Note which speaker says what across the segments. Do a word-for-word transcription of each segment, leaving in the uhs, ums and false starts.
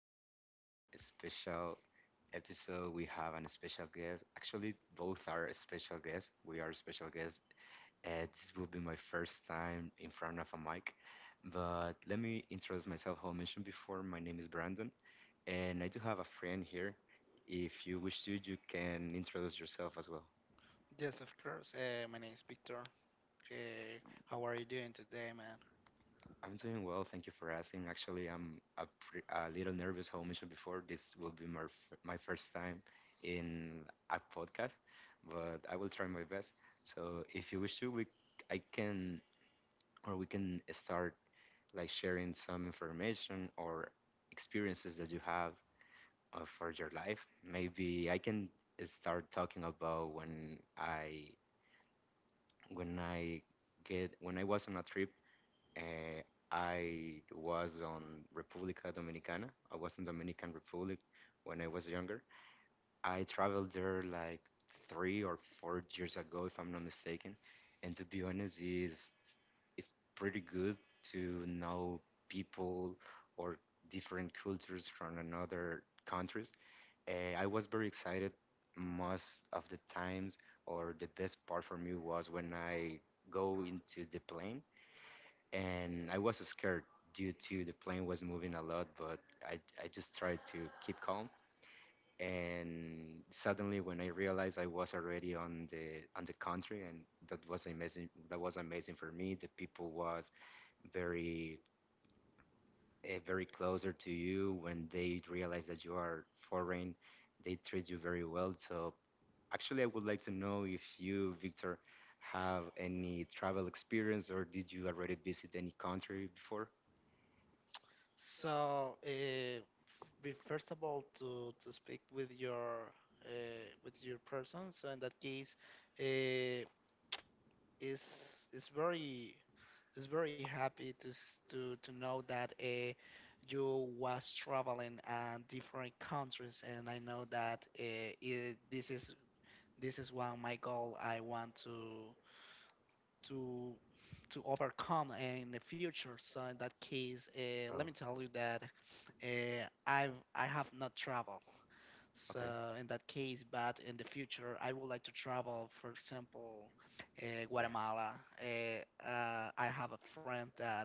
Speaker 1: on a special episode. We have an special guest. Actually, both are special guests. We are special guests. Uh, this will be my first time in front of a mic. But let me introduce myself. How I mentioned before, my name is Brandon, and I do have a friend here. If you wish to, you can introduce yourself as well.
Speaker 2: Yes, of course. Uh, my name is Victor. Uh, how are you doing today, man?
Speaker 1: I'm doing well, thank you for asking. Actually, I'm a, pre a little nervous, how I mentioned before. This will be my, f- my first time in a podcast, but I will try my best. So, if you wish to, we I can or we can start like sharing some information or experiences that you have uh, for your life. Maybe I can start talking about when I when I get when I was on a trip. uh, I was on República Dominicana. I was in Dominican Republic when I was younger. I traveled there like three or four years ago, if I'm not mistaken. And to be honest, it's it's pretty good to know people or different cultures from another countries. Uh, I was very excited most of the times, or the best part for me was when I go into the plane and I was scared due to the plane was moving a lot, but I, I just tried to keep calm. And suddenly, when I realized I was already on the on the country, and that was amazing. That was amazing for me. The people was very eh, very closer to you when they realize that you are foreign. They treat you very well. So actually, I would like to know if you, Victor, have any travel experience or did you already visit any country before?
Speaker 2: So, uh, f- first of all, to, to speak with your uh, with your person. So in that case, uh, is is very is very happy to s- to to know that uh, you was traveling uh, different countries, and I know that uh, it, this is this is one my goal. I want to. to to overcome in the future. So in that case, uh, let
Speaker 1: Oh,
Speaker 2: me tell you that uh, I've I have not traveled. So
Speaker 1: okay.
Speaker 2: in that case, but in the future, I would like to travel. For example, uh,
Speaker 1: Yes.
Speaker 2: Guatemala. Uh, uh, I have a friend that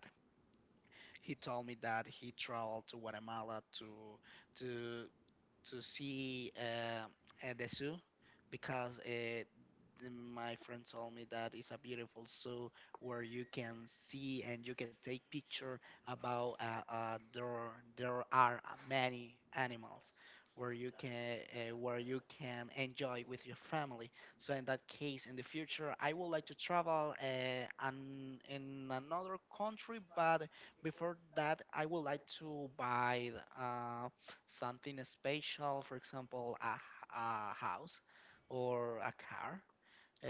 Speaker 2: he told me that he traveled to Guatemala to to to see uh, uh, the zoo because uh, the, my friend told me that it's a beautiful zoo where you can see and you can take picture about uh, uh, there there are many animals where you can uh, where you can enjoy with your family. So in that case, in the future, I would like to travel uh, an, in another country, but before that, I would like to buy Uh, something special, for example, a, h- a house or a car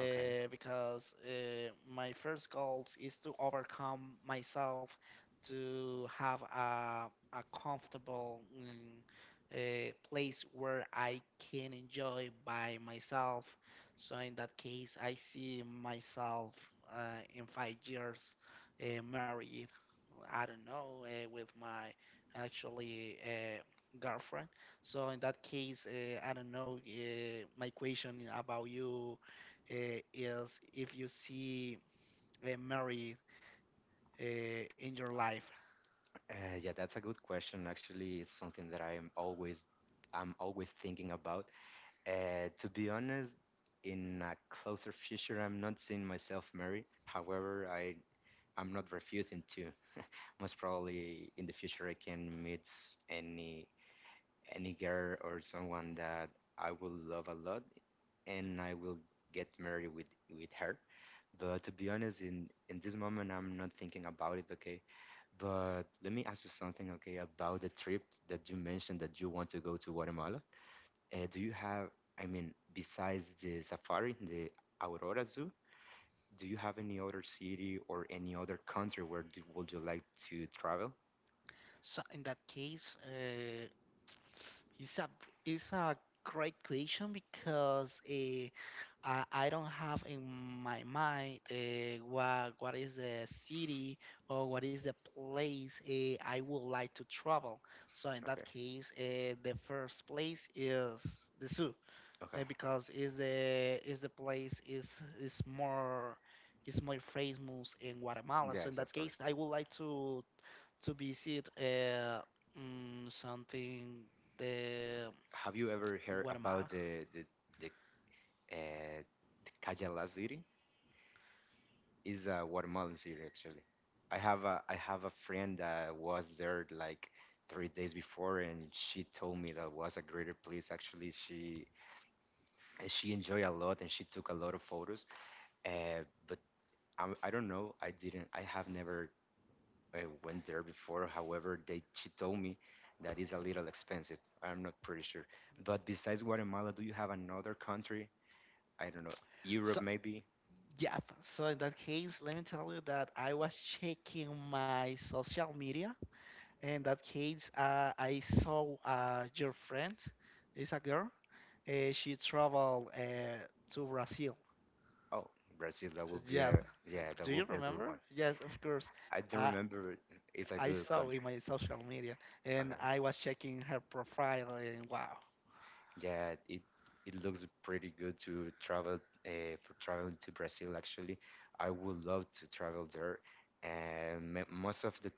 Speaker 1: Okay.
Speaker 2: because uh, my first goals is to overcome myself to have a, a comfortable mm, uh, place where I can enjoy by myself. So in that case, I see myself uh, in five years, uh, married. I don't know, uh, with my actually uh, girlfriend. So in that case, uh, I don't know, uh, my question about you uh, is if you see a married uh, in your life.
Speaker 1: Uh, yeah, that's a good question. Actually, it's something that I am always I'm always thinking about. Uh, to be honest, in a closer future, I'm not seeing myself married. However, I I'm not refusing to. Most probably in the future I can meet any any girl or someone that I will love a lot and I will get married with with her. But to be honest, in in this moment I'm not thinking about it. Okay, but let me ask you something. Okay, about the trip that you mentioned that you want to go to Guatemala. Uh, do you have, I mean, besides the safari, the Aurora Zoo? Do you have any other city or any other country where do, would you like to travel?
Speaker 2: So in that case, uh, it's a it's a great question because uh, I, I don't have in my mind uh, what what is the city or what is the place uh, I would like to travel. So in that
Speaker 1: Okay.
Speaker 2: case, uh, the first place is the zoo.
Speaker 1: Okay.
Speaker 2: uh, because is the is the place is is more is more famous in Guatemala. So in
Speaker 1: Yes, that's
Speaker 2: that case,
Speaker 1: correct.
Speaker 2: I would like to to visit uh, mm, something the
Speaker 1: Have you ever heard about
Speaker 2: Guatemala.
Speaker 1: the the the, uh, the Cayala City? Is a Guatemalan city actually. I have a I have a friend that was there like three days before, and she told me that was a greater place. Actually, she and she enjoyed a lot and she took a lot of photos. Uh, but I, I don't know. I didn't i have never uh, went there before. However they she told me that is a little expensive. I'm not pretty sure. But besides Guatemala, do you have another country, I don't know, Europe
Speaker 2: So
Speaker 1: maybe?
Speaker 2: yeah, so in that case, let me tell you that I was checking my social media. In that case, uh, I saw uh, your friend, is a girl. Uh, she traveled uh, to Brazil.
Speaker 1: Oh, Brazil. That would be
Speaker 2: Yeah.
Speaker 1: a, yeah, that
Speaker 2: Do you
Speaker 1: would be a good
Speaker 2: remember?
Speaker 1: one.
Speaker 2: Yes, of course.
Speaker 1: I don't
Speaker 2: Uh,
Speaker 1: remember. It's a
Speaker 2: I
Speaker 1: good
Speaker 2: saw in
Speaker 1: country.
Speaker 2: my social media and
Speaker 1: Okay.
Speaker 2: I was checking her profile and wow,
Speaker 1: Yeah, it it looks pretty good to travel uh, for traveling to Brazil actually. I would love to travel there and m most of the,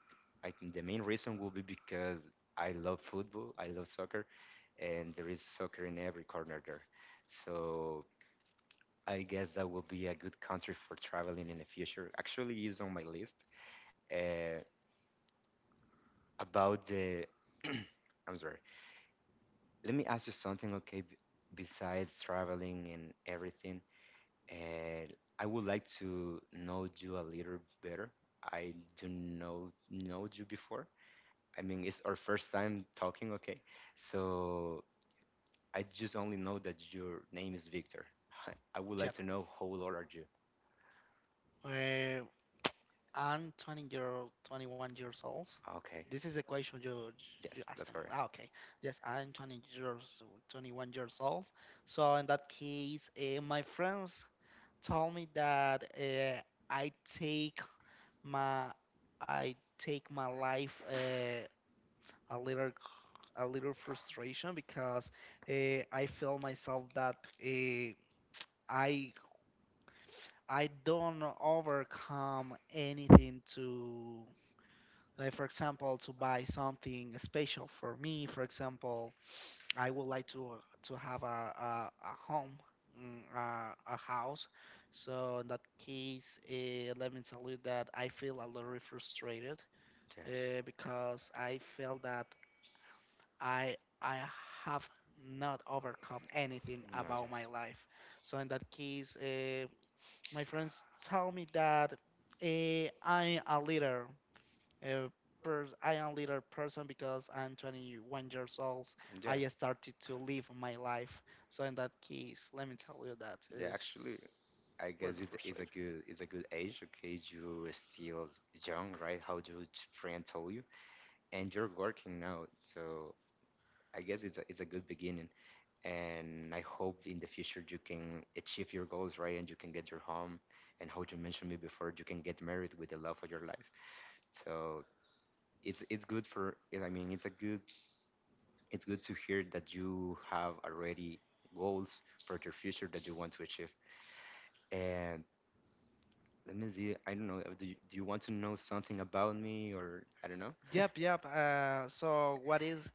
Speaker 1: I think the main reason will be because I love football, I love soccer and there is soccer in every corner there. So I guess that will be a good country for traveling in the future. Actually, is on my list. Uh, about the I'm sorry. Let me ask you something, okay? b- Besides traveling and everything, and I would like to know you a little better. I don't know know you before. I mean, it's our first time talking, okay? So I just only know that your name is Victor. I would like
Speaker 2: Jeb.
Speaker 1: to know how old are you?
Speaker 2: Uh, I'm twenty year, twenty-one years old.
Speaker 1: Okay.
Speaker 2: This is the question you you
Speaker 1: Yes,
Speaker 2: ask
Speaker 1: that's
Speaker 2: him.
Speaker 1: correct.
Speaker 2: Ah, okay. Yes, I'm twenty years, twenty-one years old. So in that case, uh, my friends told me that uh, I take my I take my life Uh, a little a little frustration because uh, I feel myself that uh, I I don't overcome anything to like, for example, to buy something special for me. For example, I would like to to have a a, a home. mm, A, a house, so in that case, uh, let me tell you that I feel a little frustrated
Speaker 1: Yes.
Speaker 2: uh, because I feel that I I have not overcome anything
Speaker 1: No,
Speaker 2: about my
Speaker 1: yes.
Speaker 2: life. So in that case, uh, my friends tell me that uh, I'm a leader. Uh, pers- I am leader person because I'm twenty-one years old. I
Speaker 1: Yes.
Speaker 2: started to live my life. So in that case, let me tell you that
Speaker 1: Yeah,
Speaker 2: is
Speaker 1: actually, I guess
Speaker 2: really
Speaker 1: it's, it's a
Speaker 2: frustrating.
Speaker 1: good, it's a good age. Okay, you're still young, right? How your friend told you, and you're working now. So I guess it's a, it's a good beginning. And I hope in the future you can achieve your goals, right? And you can get your home, and how you mentioned me before, you can get married with the love of your life. So it's it's good for. I mean, it's a good, it's good to hear that you have already goals for your future that you want to achieve. And let me see. I don't know. uh, Do you, do you want to know something about me, or I don't know?
Speaker 2: Yep, yep. Uh, so what is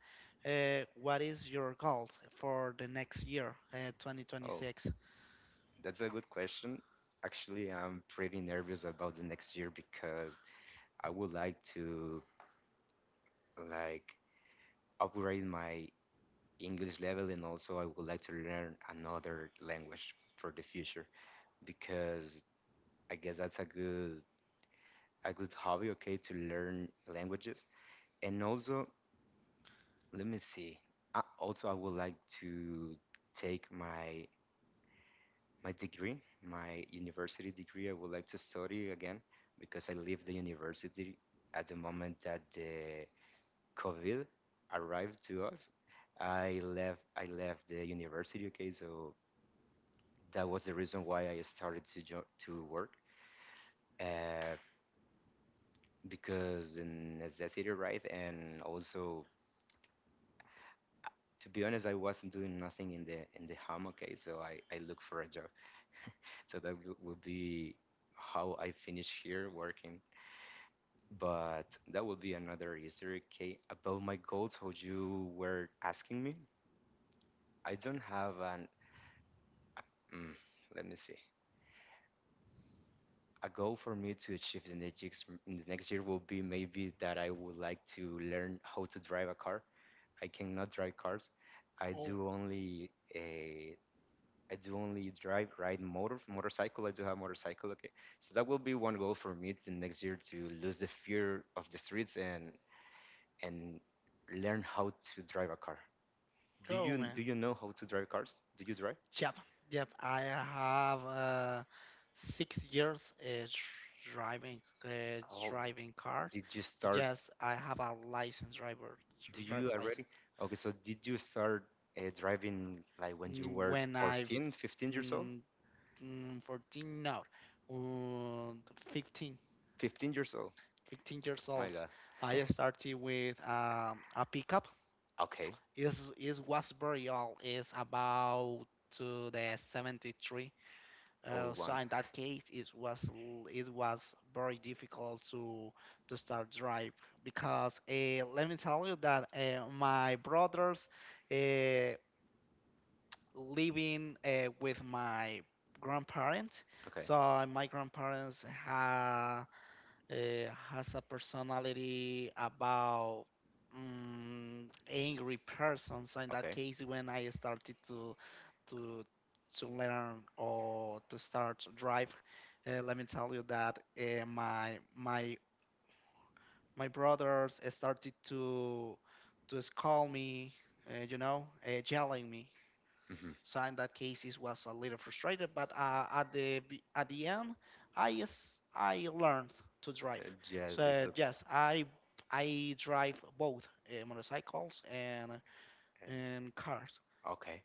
Speaker 2: uh, what is your goals for the next year, uh,
Speaker 1: Oh,
Speaker 2: twenty twenty-six?
Speaker 1: that's a good question. Actually, I'm pretty nervous about the next year because I would like to like upgrade my English level and also I would like to learn another language for the future because I guess that's a good a good hobby, okay, to learn languages. And also let me see. I, also, I would like to take my my degree, my university degree. I would like to study again because I leave the university at the moment that the COVID arrived to us. I left I left the university. Okay, so that was the reason why I started to jo- to work uh, because the necessity, right? And also, to be honest, I wasn't doing nothing in the in the home. Okay, so I I look for a job. So that will will be how I finish here working. But that will be another Easter egg. Okay, about my goals, what you were asking me, I don't have an. a- mm, let me see. A goal for me to achieve the next years- in the next year will be maybe that I would like to learn how to drive a car. I cannot drive cars. I do only uh, I do only drive, ride motor, motorcycle. I do have motorcycle. Okay, so that will be one goal for me to next year to lose the fear of the streets and and learn how to drive a car. Do
Speaker 2: Cool,
Speaker 1: you
Speaker 2: man.
Speaker 1: do you know how to drive cars? Do you drive?
Speaker 2: Yep, yep. I have uh, six years, uh, driving uh,
Speaker 1: Oh,
Speaker 2: driving cars.
Speaker 1: did you start?
Speaker 2: Yes, I have a license driver
Speaker 1: Do
Speaker 2: driver
Speaker 1: you
Speaker 2: license.
Speaker 1: already? Okay, so did you start uh, driving like when you
Speaker 2: Mm,
Speaker 1: were
Speaker 2: When I
Speaker 1: fourteen, fifteen years old?
Speaker 2: mm, mm, fourteen now, uh, fifteen,
Speaker 1: fifteen years old.
Speaker 2: fifteen years
Speaker 1: My
Speaker 2: old,
Speaker 1: God.
Speaker 2: I started with um, a pickup.
Speaker 1: Okay,
Speaker 2: Is is was very old. It's about to the seventy-three. Uh,
Speaker 1: old
Speaker 2: so
Speaker 1: one.
Speaker 2: in that case, it was l- it was very difficult to to start drive because uh, let me tell you that uh, my brothers uh, living uh, with my grandparents.
Speaker 1: Okay.
Speaker 2: So uh, my grandparents ha, uh, has a personality about mm, angry person. So in that
Speaker 1: Okay.
Speaker 2: case, when I started to to to learn or to start to drive, uh, let me tell you that uh, my my my brothers uh, started to to scold me, uh, you know, uh, yelling me.
Speaker 1: hmm
Speaker 2: So in that case, it was a little frustrated, but uh, at the be- at the end, I s- I learned to drive.
Speaker 1: Uh, Jazz, it
Speaker 2: So
Speaker 1: looks.
Speaker 2: yes, I I drive both uh, motorcycles and
Speaker 1: And
Speaker 2: and cars.
Speaker 1: okay,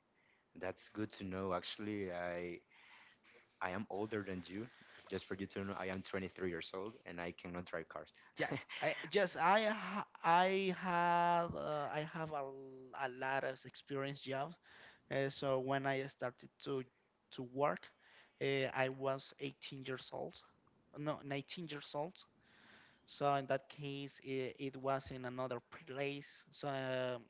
Speaker 1: that's good to know. Actually, I I am older than you. It's just for you to know, I am twenty-three years old and I cannot drive cars.
Speaker 2: Yes, I just I ha- I had uh, I have a, l- a lot of experience jobs. Uh, so when I started to to work, uh, I was eighteen years old, no nineteen years old. So in that case, it, it was in another place. So um,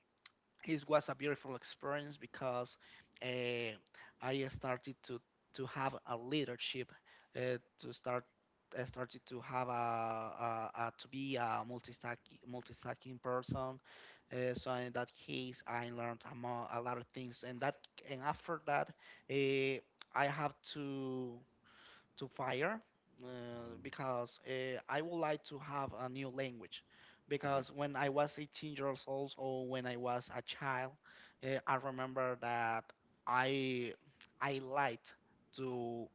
Speaker 2: it was a beautiful experience because uh, I started to to have a leadership, uh, to start I started to have a, a, a to be a multi-stack multi-stacking person, uh, so in that case I learned a, mo- a lot of things and that and after that uh, I have to to fire, uh, because uh, I would like to have a new language.
Speaker 1: Mhm.
Speaker 2: Because when I was eighteen years old or when I was a child, uh, I remember that I I liked to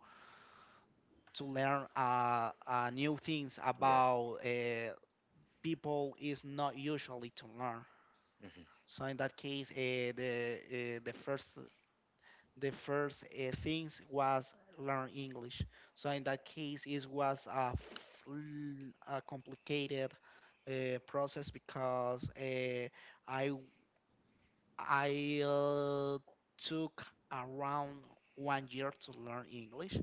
Speaker 2: to learn uh, uh, new things
Speaker 1: Mhm. Yes.
Speaker 2: about uh, people is not usually to learn.
Speaker 1: Mm-hmm.
Speaker 2: So in that case, uh, the uh, the first the first uh, things was learn English. So in that case, it was a, f- l- a complicated uh, process because uh, I I uh, took around one year to learn English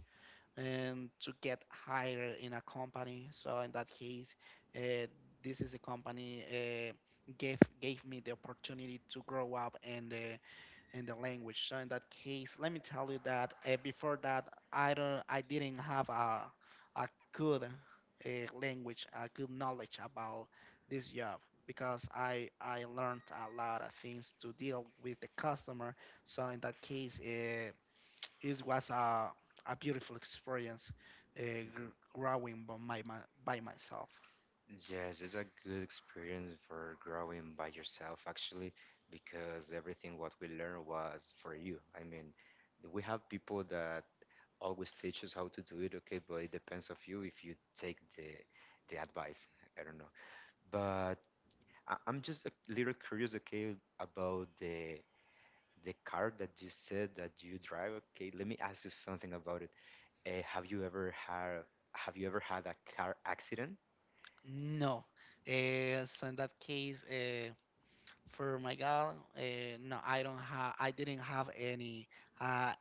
Speaker 2: and to get hired in a company. So in that case, uh, this is a company uh, gave gave me the opportunity to grow up and. Uh, in the language. So in that case, let me tell you that uh, before that, I don't, I didn't have a a good uh, language, a good knowledge about this job because I I learned a lot of things to deal with the customer. So in that case, uh, it was a a beautiful experience, uh, gr- growing by my, my by myself.
Speaker 1: Yes, it's a good experience for growing by yourself, actually, because everything what we learned was for you. I mean, we have people that always teach us how to do it, okay, but it depends of you if you take the the advice. I don't know, but I, I'm just a little curious, okay, about the the car that you said that you drive. Okay, let me ask you something about it. Uh, have you ever had, have you ever had a car accident?
Speaker 2: No, uh, so in that case. Uh, for my God, uh, no, I don't have. I didn't have any uh,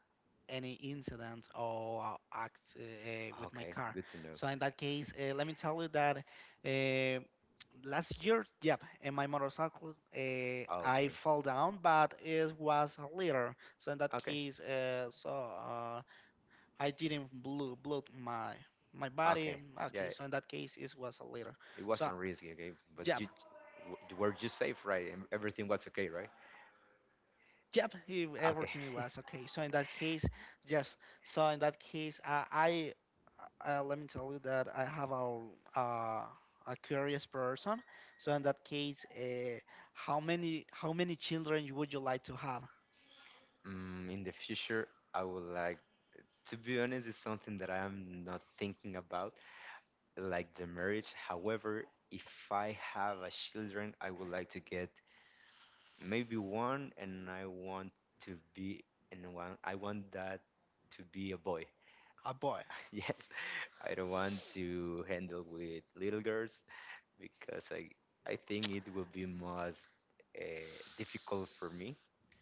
Speaker 2: any incident or uh, act uh, uh, with my
Speaker 1: Okay,
Speaker 2: car.
Speaker 1: good to know.
Speaker 2: So in that case, uh, let me tell you that uh, last year, yep, in my motorcycle, uh, I
Speaker 1: Okay.
Speaker 2: fell down, but it was a little. So in that
Speaker 1: Okay.
Speaker 2: case, uh, so uh, I didn't blew blood my my body.
Speaker 1: Okay.
Speaker 2: Okay,
Speaker 1: Yeah,
Speaker 2: so in that case, it was a little.
Speaker 1: it
Speaker 2: So
Speaker 1: wasn't risky, okay? But
Speaker 2: yeah,
Speaker 1: you w- were you safe, right? And everything was okay, right?
Speaker 2: yep, it,
Speaker 1: Okay.
Speaker 2: everything was okay. So in that case, yes. So in that case, uh, I uh, let me tell you that I have a uh, a curious person. So in that case, uh, how many how many children would you like to have?
Speaker 1: Mm, in the future, I would like to be honest, it's something that I'm not thinking about, like the marriage. However, if I have a children, I would like to get maybe one and I want to be and one I want that to be a boy.
Speaker 2: A boy.
Speaker 1: Yes, I don't want to handle with little girls because i i think it will be most uh, difficult for me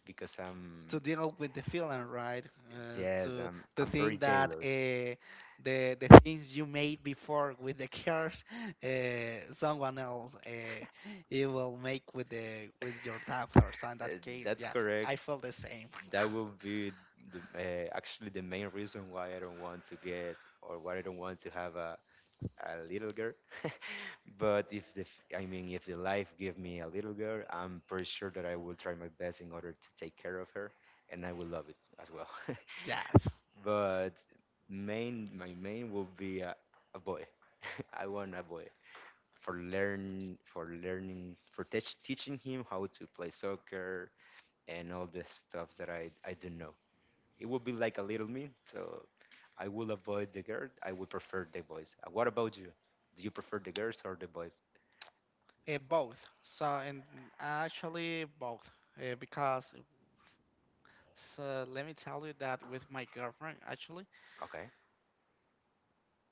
Speaker 1: because I'm
Speaker 2: To deal with the feeling, right? Uh,
Speaker 1: yes
Speaker 2: to
Speaker 1: I'm
Speaker 2: the
Speaker 1: I'm very
Speaker 2: thing that
Speaker 1: jealous.
Speaker 2: uh, the the things you made before with the curse, uh, someone else uh, it will make with the with your daughter. So in
Speaker 1: uh,
Speaker 2: that case,
Speaker 1: that's
Speaker 2: yeah,
Speaker 1: correct.
Speaker 2: I feel the same.
Speaker 1: That will be the, uh, actually the main reason why I don't want to get or why I don't want to have a, a little girl. But if the, f- I mean, if the life give me a little girl, I'm pretty sure that I will try my best in order to take care of her, and I will love it as well.
Speaker 2: Yeah, uh,
Speaker 1: But main, my main will be a, a boy. I want a boy for learn, for learning, for teach, teaching him how to play soccer and all the stuff that I I don't know. It would be like a little me, so I will avoid the girl. I would prefer the boys. Uh, What about you? Do you prefer the girls or the boys?
Speaker 2: both. So and actually both, uh, because so let me tell you that with my girlfriend actually
Speaker 1: Okay.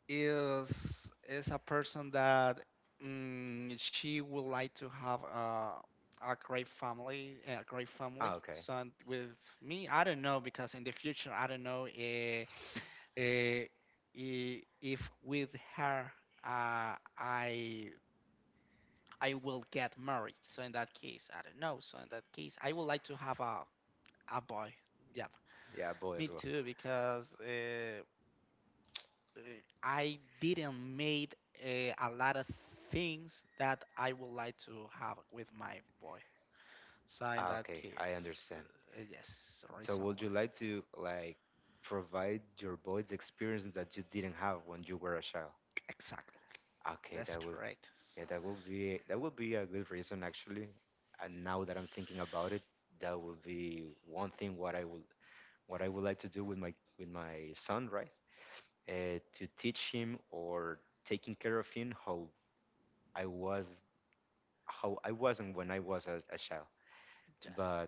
Speaker 2: is is a person that mm, she would like to have a a great family, a great family.
Speaker 1: Ah, okay.
Speaker 2: So and with me, I don't know because in the future, I don't know, eh, eh, i- if with her, uh, I I will get married. So in that case, I don't know. So in that case, I would like to have a a boy. Yep,
Speaker 1: Yeah, boy
Speaker 2: me
Speaker 1: as well.
Speaker 2: too, because Uh, uh, I didn't made uh, a lot of things that I would like to have with my boy. So in
Speaker 1: Ah,
Speaker 2: that
Speaker 1: okay, I
Speaker 2: case,
Speaker 1: understand.
Speaker 2: uh, yes, it's the
Speaker 1: So
Speaker 2: reason
Speaker 1: would
Speaker 2: why.
Speaker 1: you like to like provide your boys experiences that you didn't have when you were a child?
Speaker 2: Exactly,
Speaker 1: Okay,
Speaker 2: that's
Speaker 1: that would,
Speaker 2: correct. So,
Speaker 1: yeah, that would be, that would be a good reason actually. And now that I'm thinking about it, that would be one thing what I would what I would like to do with my with my son, right? Uh, to teach him or taking care of him how I was, how I wasn't when I was a, a child.
Speaker 2: yes.
Speaker 1: But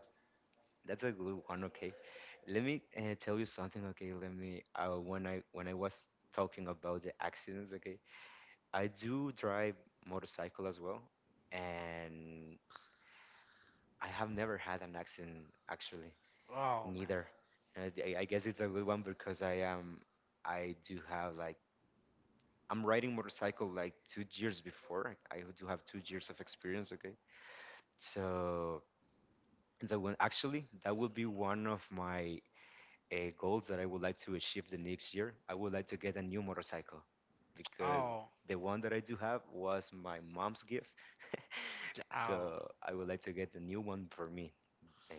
Speaker 1: that's a good one. Okay, let me uh, tell you something. Okay, let me uh, when I when I was talking about the accidents. Okay, I do drive motorcycle as well, and I have never had an accident actually
Speaker 2: Oh man.
Speaker 1: neither. And I, I guess it's a good one because I am I do have like I'm riding motorcycle like two years before. Like, I do have two years of experience. Okay, so so when actually that will be one of my uh, goals that I would like to achieve the next year. I would like to get a new motorcycle because
Speaker 2: Oh.
Speaker 1: the one that I do have was my mom's gift.
Speaker 2: j- Oh,
Speaker 1: So I would like to get a new one for me, uh,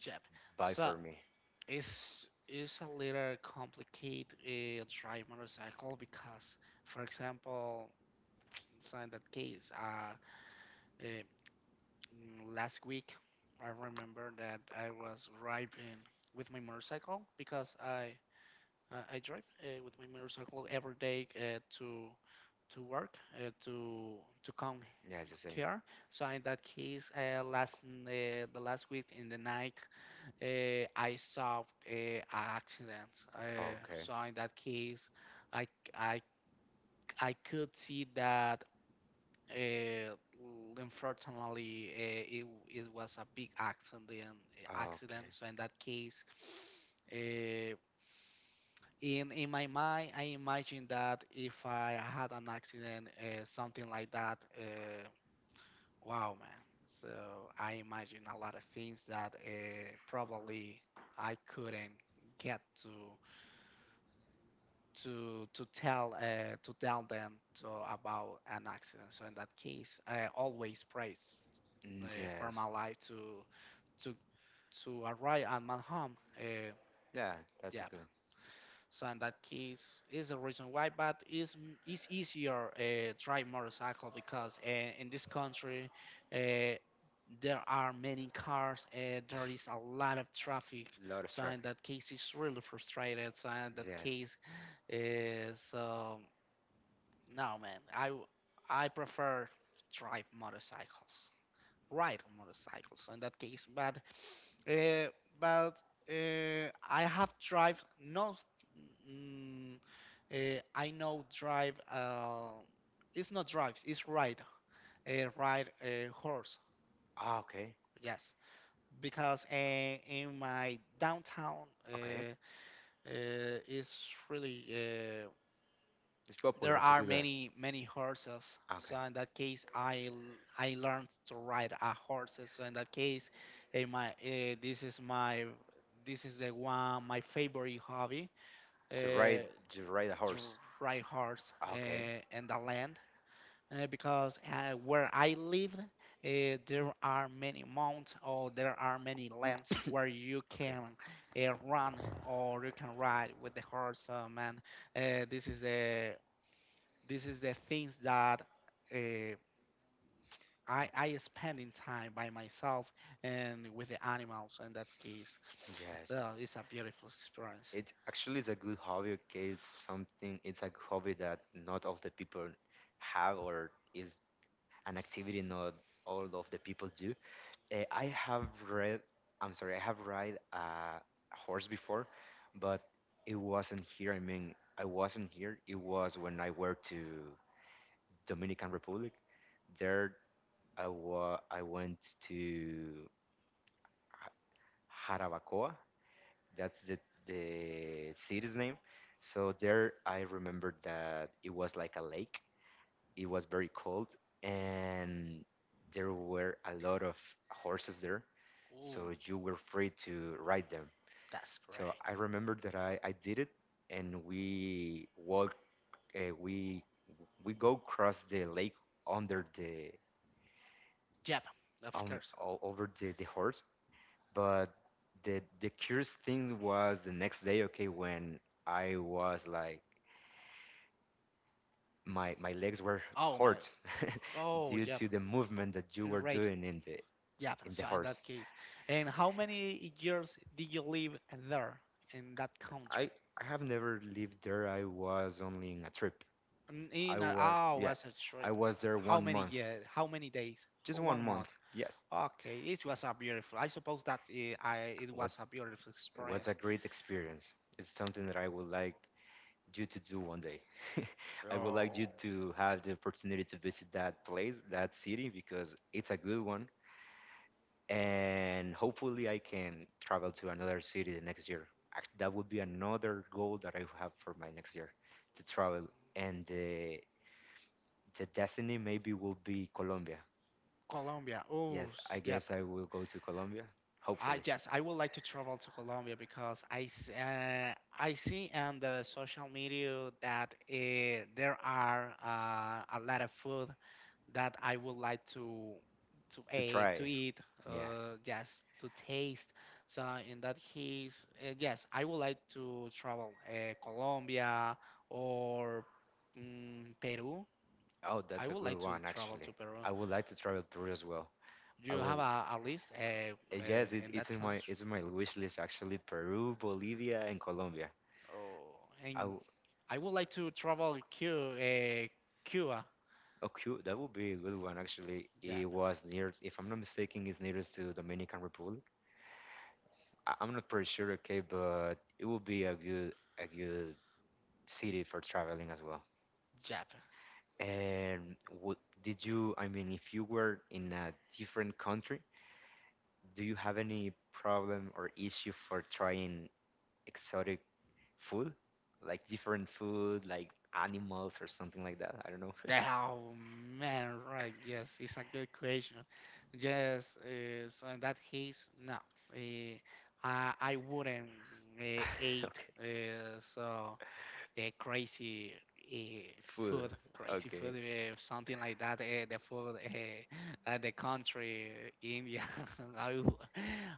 Speaker 2: Jeff.
Speaker 1: buy
Speaker 2: So
Speaker 1: for me.
Speaker 2: it's it's a little complicated uh, drive motorcycle because, for example, so in that case, uh, uh, Mm, last week, I remember that I was driving with my motorcycle because I I, I drive uh, with my motorcycle every day, uh, to to work, uh, to to come
Speaker 1: Yeah, it's the same.
Speaker 2: here. So in that case, uh, last n- uh, the last week in the night, uh, I solved a accident. Uh,
Speaker 1: Okay.
Speaker 2: so in that case, I c- I c- I could see that uh, l- unfortunately, uh, it w- it was a big accident. eh, Accident.
Speaker 1: Okay.
Speaker 2: So in that case, uh, in in my mind, I imagine that if I had an accident, uh, something like that. Uh, wow, man. So I imagine a lot of things that uh, probably I couldn't get to to to tell uh, to tell them to, about an accident. So in that case, I always praise,
Speaker 1: Mm,
Speaker 2: uh, for
Speaker 1: Yes.
Speaker 2: my life to to to arrive at my home. Uh,
Speaker 1: Yeah, that's a
Speaker 2: yeah.
Speaker 1: good
Speaker 2: So in that case, is the reason why. But it's m- it's easier uh, drive motorcycle because uh, in this country, uh, there are many cars. Uh, there is a lot of traffic.
Speaker 1: lot of
Speaker 2: So in
Speaker 1: traffic.
Speaker 2: that case, it's really frustrated. So in that case,
Speaker 1: Yes.
Speaker 2: uh, so no man, I w- I prefer drive motorcycles ride on motorcycles in that case, but uh, but uh, I have drive no. Mm, uh, I know drive. Uh, it's not drives. It's ride. Uh, ride a horse.
Speaker 1: Ah, okay.
Speaker 2: Yes, because uh, in my downtown
Speaker 1: Okay.
Speaker 2: uh, uh, is really eh,
Speaker 1: It's
Speaker 2: there
Speaker 1: popular to
Speaker 2: are
Speaker 1: do that.
Speaker 2: many many horses. So
Speaker 1: Okay.
Speaker 2: in that case, i l- i learned to ride a horses. So in that case, eh, my eh, this is my this is the one my favorite hobby,
Speaker 1: To ride,
Speaker 2: uh,
Speaker 1: to ride a horse.
Speaker 2: ride horse
Speaker 1: Ah, okay.
Speaker 2: uh, in the land uh, because uh, where i live uh, there are many mounts or there are many lands where you
Speaker 1: Okay.
Speaker 2: can uh, run or you can ride with the horse um, and uh, this is a this is the things that uh, I I spend in time by myself and with the animals. In that case,
Speaker 1: Yes.
Speaker 2: uh, it's a beautiful experience.
Speaker 1: It actually is a good hobby, okay? It's something, it's a hobby that not all the people have, or is an activity not all of the people do. Eh, I have read I'm sorry, I have ride a horse before, but it wasn't here. I mean, I wasn't here. It was when I were to Dominican Republic. There I wa I went to Ha- Jarabacoa. That's the the city's name. So there I remembered that it was like a lake. It was very cold and there were a lot of horses there.
Speaker 2: Oh,
Speaker 1: So you were free to ride them.
Speaker 2: that's
Speaker 1: So
Speaker 2: great.
Speaker 1: I remember that I, I did it and we walk, uh, we we go cross the lake under the,
Speaker 2: Yep, of
Speaker 1: um,
Speaker 2: course.
Speaker 1: o- over the, the horse. But the the curious thing was the next day, okay, when I was like my my legs were
Speaker 2: Oh my.
Speaker 1: hurts
Speaker 2: Oh,
Speaker 1: due
Speaker 2: yep.
Speaker 1: to the movement that you
Speaker 2: And
Speaker 1: were
Speaker 2: right.
Speaker 1: doing in the
Speaker 2: Yep.
Speaker 1: in the
Speaker 2: So in that
Speaker 1: horse.
Speaker 2: case, and how many years did you live there in that country?
Speaker 1: I I have never lived there. I was only in a trip.
Speaker 2: In,
Speaker 1: I
Speaker 2: in a,
Speaker 1: was,
Speaker 2: oh,
Speaker 1: yeah,
Speaker 2: was a
Speaker 1: I
Speaker 2: trip.
Speaker 1: was there
Speaker 2: How
Speaker 1: one
Speaker 2: many
Speaker 1: month,
Speaker 2: years? How many days? Oh,
Speaker 1: just one
Speaker 2: one month.
Speaker 1: month. Yes,
Speaker 2: Okay, it was a beautiful. I suppose that it, I it was
Speaker 1: what's
Speaker 2: a beautiful
Speaker 1: what's a
Speaker 2: experience.
Speaker 1: great experience. It's something that I would like. You to do one day. I would like you
Speaker 2: Oh,
Speaker 1: to have the opportunity to visit that place, that city, because it's a good one. And hopefully, I can travel to another city the next year. Act- That would be another goal that I have for my next year, to travel. And the, the destiny maybe will be Colombia.
Speaker 2: Colombia. Oh,
Speaker 1: Yes,
Speaker 2: s-
Speaker 1: I
Speaker 2: yep.
Speaker 1: guess I will go to Colombia,
Speaker 2: I
Speaker 1: hopefully,
Speaker 2: yes, I would like to travel to Colombia because I s- uh, I see on the social media that uh, there are uh, a lot of food that I would like to to
Speaker 1: to
Speaker 2: eat,
Speaker 1: try.
Speaker 2: to eat,
Speaker 1: Yes.
Speaker 2: uh, yes, to taste. So in that case, uh, yes, I would like to travel uh, Colombia or mm, Peru.
Speaker 1: Oh,
Speaker 2: I
Speaker 1: that's a
Speaker 2: would
Speaker 1: good
Speaker 2: like to
Speaker 1: one,
Speaker 2: travel
Speaker 1: actually.
Speaker 2: to Peru.
Speaker 1: I would like to travel Peru as well. I
Speaker 2: You
Speaker 1: would
Speaker 2: have a, a list uh, uh,
Speaker 1: Uh, Yes, it's
Speaker 2: in
Speaker 1: it's
Speaker 2: that
Speaker 1: in my,
Speaker 2: country,
Speaker 1: it's in my wish list actually. Peru, Bolivia, and Colombia.
Speaker 2: oh,
Speaker 1: I
Speaker 2: and
Speaker 1: w
Speaker 2: I would like to travel Cu uh, Cuba.
Speaker 1: Oh, cute. That would be a good one actually.
Speaker 2: Yeah,
Speaker 1: It was near, if I'm not mistaken, it's nearest to Dominican Republic. I, I'm not pretty sure, okay, but it would be a good, a good city for traveling as well.
Speaker 2: Japan.
Speaker 1: And what did you? I mean, if you were in a different country, do you have any problem or issue for trying exotic food, like different food, like animals or something like that. I don't know.
Speaker 2: Oh man, right? Yes, it's a good question. Yes, uh, so in that case, no, uh, I I wouldn't uh, eat
Speaker 1: Okay,
Speaker 2: uh, so uh, crazy uh,
Speaker 1: food.
Speaker 2: food, crazy food,
Speaker 1: Okay,
Speaker 2: uh, something like that. Uh, the food, uh, uh, the country uh, India, I w-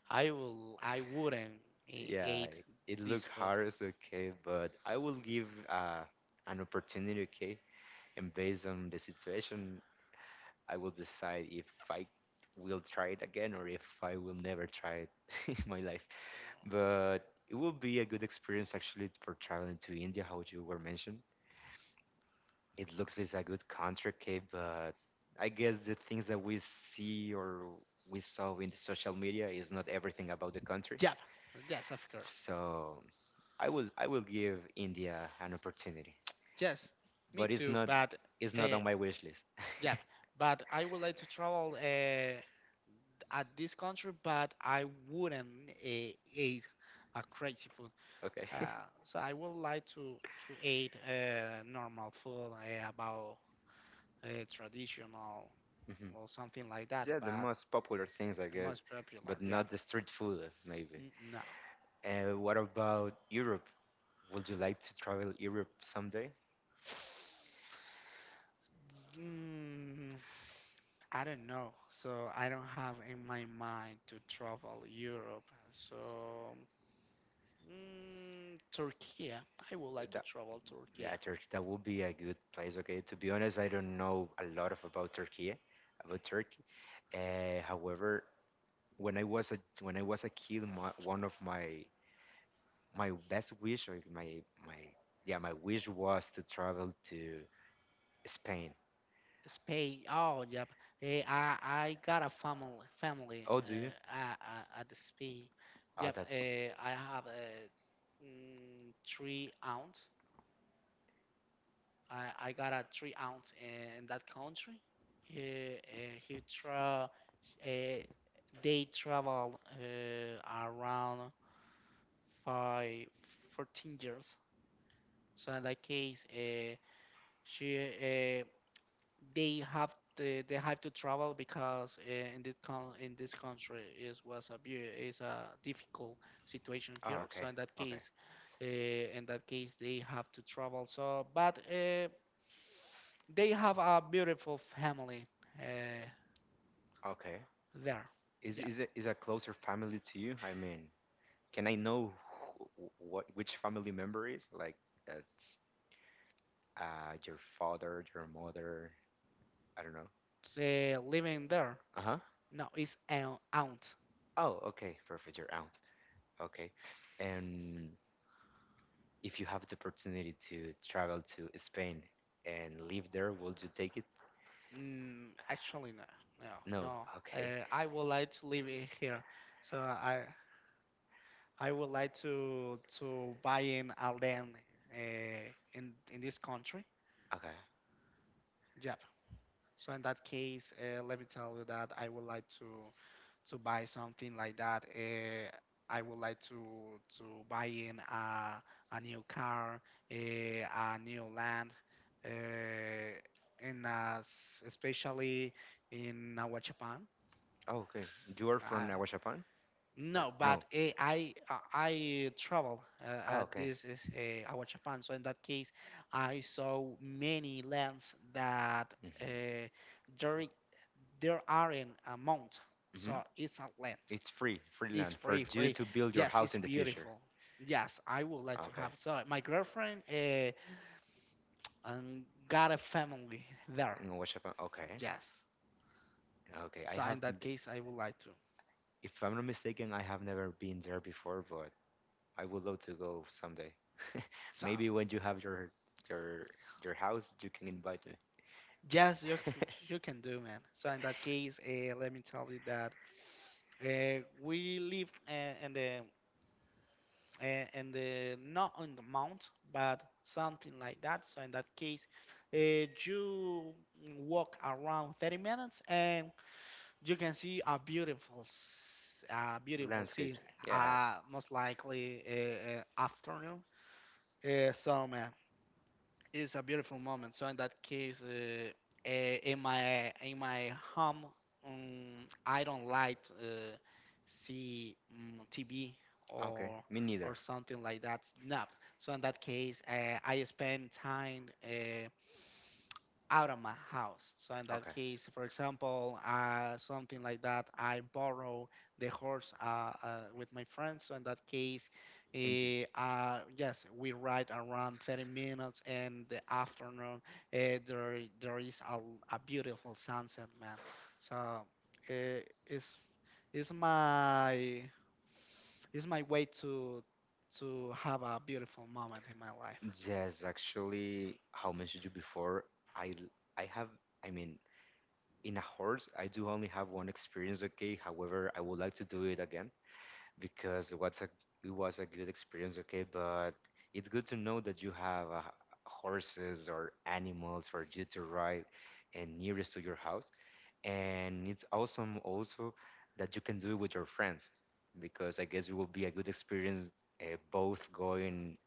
Speaker 2: I will I wouldn't uh,
Speaker 1: yeah,
Speaker 2: eat
Speaker 1: it
Speaker 2: this
Speaker 1: looked
Speaker 2: food.
Speaker 1: hard, it's okay, but I will give uh, an opportunity, okay, and based on the situation, I will decide if I will try it again or if I will never try it in my life. But it will be a good experience actually for traveling to India, how you were mentioned. It looks is a good contract, okay, but I guess the things that we see or we saw in the social media is not everything about the country.
Speaker 2: Yep, yes, of course,
Speaker 1: So I will I will give India an opportunity,
Speaker 2: yes, me
Speaker 1: but it's
Speaker 2: too,
Speaker 1: not,
Speaker 2: but.
Speaker 1: it's not
Speaker 2: uh,
Speaker 1: on my wish list.
Speaker 2: Yeah, but I would like to travel uh, at this country, but I wouldn't uh, eat a crazy food.
Speaker 1: Okay.
Speaker 2: Uh, so I would like to to eat uh, normal food uh, about uh, traditional
Speaker 1: hmm
Speaker 2: or something like that,
Speaker 1: Yeah, the
Speaker 2: but
Speaker 1: most popular things, I guess,
Speaker 2: most popular.
Speaker 1: but
Speaker 2: Yeah,
Speaker 1: not the street food, maybe.
Speaker 2: mm, no.
Speaker 1: And what about Europe? Would you like to travel Europe someday?
Speaker 2: Mm, I don't know. So I don't have in my mind to travel Europe. So. Mm, Turkey. I would like to travel Turkey.
Speaker 1: Yeah, Turkey, that would be a good place. Okay, to be honest, I don't know a lot of about Turkey, about Turkey. Uh, however, when I was a, when I was a kid, my, one of my, my best wish or my my yeah, my wish was to travel to Spain.
Speaker 2: Spain. Oh, yep. Eh, I I got a family family
Speaker 1: Oh, do you?
Speaker 2: uh, at, at the Spain.
Speaker 1: Oh,
Speaker 2: Yep.
Speaker 1: that.
Speaker 2: eh, I have uh, mm, three aunts. I I got a three aunts in, that country. He uh, he tra uh, they travel uh, around five fourteen years. So in that case, uh, she eh, they have to, they have to travel because uh, in this con- in this country is was a bu- is a difficult situation
Speaker 1: Oh,
Speaker 2: here. So
Speaker 1: okay,
Speaker 2: in that
Speaker 1: okay,
Speaker 2: case, uh, in that case they have to travel. So but uh, they have a beautiful family uh,
Speaker 1: okay.
Speaker 2: there.
Speaker 1: Is
Speaker 2: Yeah,
Speaker 1: is it is a closer family to you? I mean, can I know who, what, which family member is like that's, uh your father, your mother? I don't know.
Speaker 2: so, living there.
Speaker 1: Uh-huh.
Speaker 2: No, it's an aunt.
Speaker 1: Oh, okay. Perfect. You're out. Okay. And if you have the opportunity to travel to Spain and live there, would you take it?
Speaker 2: Mm, actually, no, no,
Speaker 1: No.
Speaker 2: no.
Speaker 1: Okay.
Speaker 2: Uh, I would like to live i- here, so I I would like to to buy in a land uh, in in this country.
Speaker 1: Okay.
Speaker 2: Yep. So in that case, uh, let me tell you that I would like to to buy something like that. Uh, I would like to to buy in a a new car, a, a new land, uh, and uh, s- especially in our Japan.
Speaker 1: Oh, okay. You are from
Speaker 2: I
Speaker 1: Aguashapan? Or
Speaker 2: No, but
Speaker 1: no.
Speaker 2: uh, I uh, I travel. Uh,
Speaker 1: Oh,
Speaker 2: uh,
Speaker 1: okay.
Speaker 2: this is uh, our Japan. So in that case, I saw many lands that uh,
Speaker 1: Mm-hmm.
Speaker 2: there i- there aren't a mount.
Speaker 1: Mm-hmm.
Speaker 2: So it's a land.
Speaker 1: It's free, free
Speaker 2: It's
Speaker 1: land for
Speaker 2: free,
Speaker 1: you
Speaker 2: free.
Speaker 1: to build your
Speaker 2: Yes,
Speaker 1: house
Speaker 2: it's
Speaker 1: in the future.
Speaker 2: beautiful. Yes, I would like to
Speaker 1: Okay.
Speaker 2: have. So my girlfriend uh, um, got a family there.
Speaker 1: In Aguashapan. Okay.
Speaker 2: Yes.
Speaker 1: Okay. I
Speaker 2: So
Speaker 1: have,
Speaker 2: in that case, I would like to.
Speaker 1: if I'm not mistaken, I have never been there before, but I would love to go someday.
Speaker 2: So.
Speaker 1: Maybe when you have your, your your house, you can invite me.
Speaker 2: Yes, you c- you can do, man. So in that case, uh, let me tell you that uh, we live uh, in the uh, in the not on the mount, but something like that. So in that case, uh, you walk around thirty minutes, and you can see a beautiful, s- uh, beautiful sea.
Speaker 1: Landscapes, yes.
Speaker 2: Uh, most likely uh, uh, afternoon. Uh, so man. It's a beautiful moment. So in that case, uh, eh, in my in my home, um, I don't like uh, see um, T V
Speaker 1: Okay,
Speaker 2: or
Speaker 1: me neither.
Speaker 2: or something like that. No. So in that case, uh, I spend time. Uh, out of my house. So in that
Speaker 1: Okay,
Speaker 2: case, for example, uh, something like that, I borrow the horse uh, uh, with my friends. So in that case,
Speaker 1: and you?
Speaker 2: eh, uh, yes, we ride around thirty minutes, and the afternoon uh, there i- there is a a beautiful sunset, man. So uh, it's it's my it's my way to to have a beautiful moment in my life.
Speaker 1: Yes, actually, how mentioned you before, I l- I have, I mean, in a horse, I do only have one experience, okay. However, I would like to do it again because what's a, it was a good experience, okay. But it's good to know that you have, uh, horses or animals for you to ride and nearest to your house, and it's awesome also that you can do it with your friends because I guess it will be a good experience, uh, both going,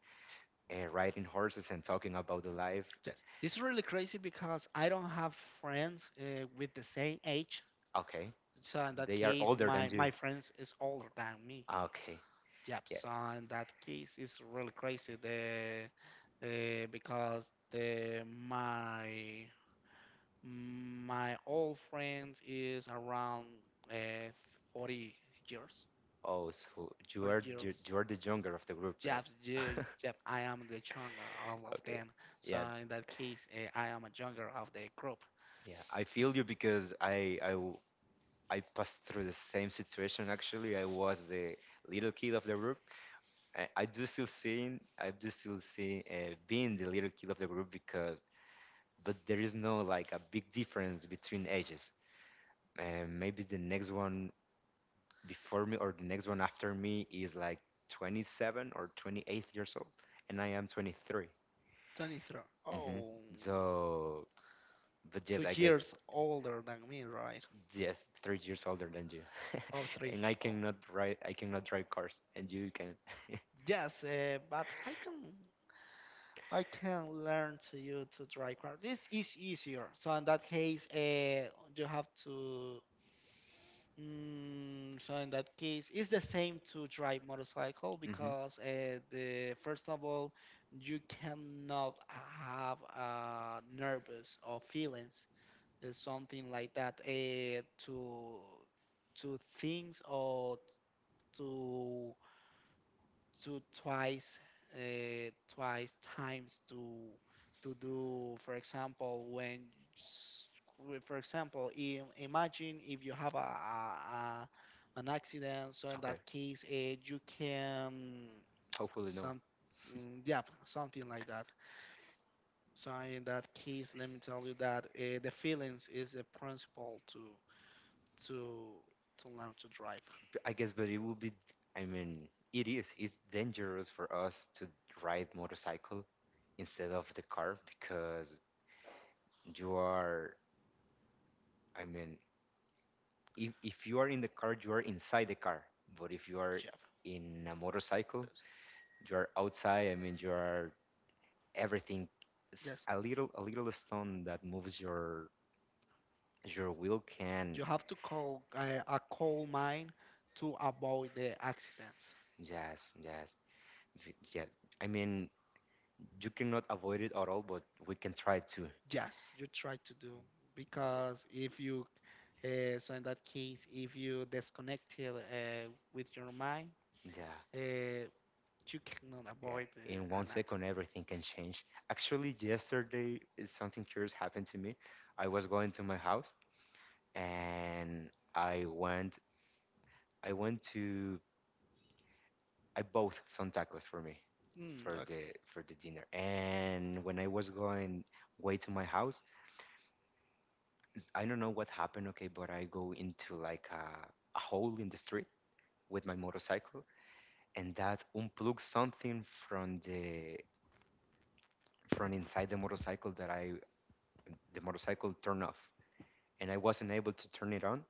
Speaker 1: uh, riding horses and talking about the life.
Speaker 2: Yes, it's really crazy because I don't have friends uh, with the same age.
Speaker 1: Okay,
Speaker 2: So in that
Speaker 1: they are
Speaker 2: case,
Speaker 1: older
Speaker 2: my
Speaker 1: than you.
Speaker 2: my friends is older than me.
Speaker 1: Okay.
Speaker 2: Yep.
Speaker 1: Yeah.
Speaker 2: So in that case, it's really crazy.
Speaker 1: Yeah.
Speaker 2: The uh, Because the my my old friends is around uh, forty years,
Speaker 1: Oh, so you
Speaker 2: forty
Speaker 1: are, you,
Speaker 2: years.
Speaker 1: you are the younger of the group, man.
Speaker 2: Jobs, yeah, Jap, I am the younger all of
Speaker 1: Okay.
Speaker 2: them. So
Speaker 1: Yeah.
Speaker 2: in that case, uh, I am a younger of the group.
Speaker 1: Yeah. I feel you because I I w- I passed through the same situation actually. I was the little kid of the group. I, I do still seeing, I do still see, uh, being the little kid of the group because but there is no like a big difference between ages. And maybe the next one before me or the next one after me is like twenty-seven or twenty-eight years old, and I am twenty-three.
Speaker 2: twenty-three.
Speaker 1: hmm
Speaker 2: Oh,
Speaker 1: so but yes,
Speaker 2: two
Speaker 1: I guess,
Speaker 2: years older than me, right?
Speaker 1: yes, three years older than you.
Speaker 2: Oh, three.
Speaker 1: And i
Speaker 2: Oh,
Speaker 1: cannot ride i cannot drive cars and you can.
Speaker 2: yes. Uh, but I can, I can learn to you to drive car. This is easier. So in that case, uh, you have to. Mm, so in that case, it's the same to drive motorcycle
Speaker 1: hmm
Speaker 2: because uh, the first of all, you cannot have uh, nervous or feelings uh, something like that uh, to to things or to to twice uh, twice times to to do, for example, when s- w- for example im- imagine if you have a, a, a an accident. So in
Speaker 1: okay,
Speaker 2: that case, uh, you can
Speaker 1: hopefully no,
Speaker 2: some mm, yeah, something like that. So in that case, let me tell you that uh, the feelings is a principle too to to learn to drive,
Speaker 1: I guess, but it would be. I mean, it is. It's dangerous for us to ride motorcycle instead of the car because you are. I mean, if if you are in the car, you are inside the car. But if you are
Speaker 2: Jeff.
Speaker 1: in a motorcycle,
Speaker 2: Yes,
Speaker 1: you are outside. I mean, you are everything. Is
Speaker 2: yes.
Speaker 1: a little, a little stone that moves your your wheel can.
Speaker 2: You have to call uh, a coal mine to avoid the accidents.
Speaker 1: Yes, yes, v- yes. I mean, you cannot avoid it at all, but we can try to.
Speaker 2: Yes, you try to do because if you uh, so in that case, if you disconnected uh, with your mind,
Speaker 1: Yeah.
Speaker 2: uh, you cannot
Speaker 1: Yeah,
Speaker 2: avoid
Speaker 1: in
Speaker 2: uh,
Speaker 1: one
Speaker 2: an accident.
Speaker 1: second, everything can change. Actually, yesterday, eh, something curious happened to me. I was going to my house and I went, I went to, I bought some tacos for me
Speaker 2: Mm,
Speaker 1: for
Speaker 2: okay.
Speaker 1: the for the dinner. And when I was going way to my house, s- I don't know what happened, okay, but I go into like a, a hole in the street with my motorcycle, and that unplugs something from the from inside the motorcycle that I the motorcycle turned off and I wasn't able to turn it on.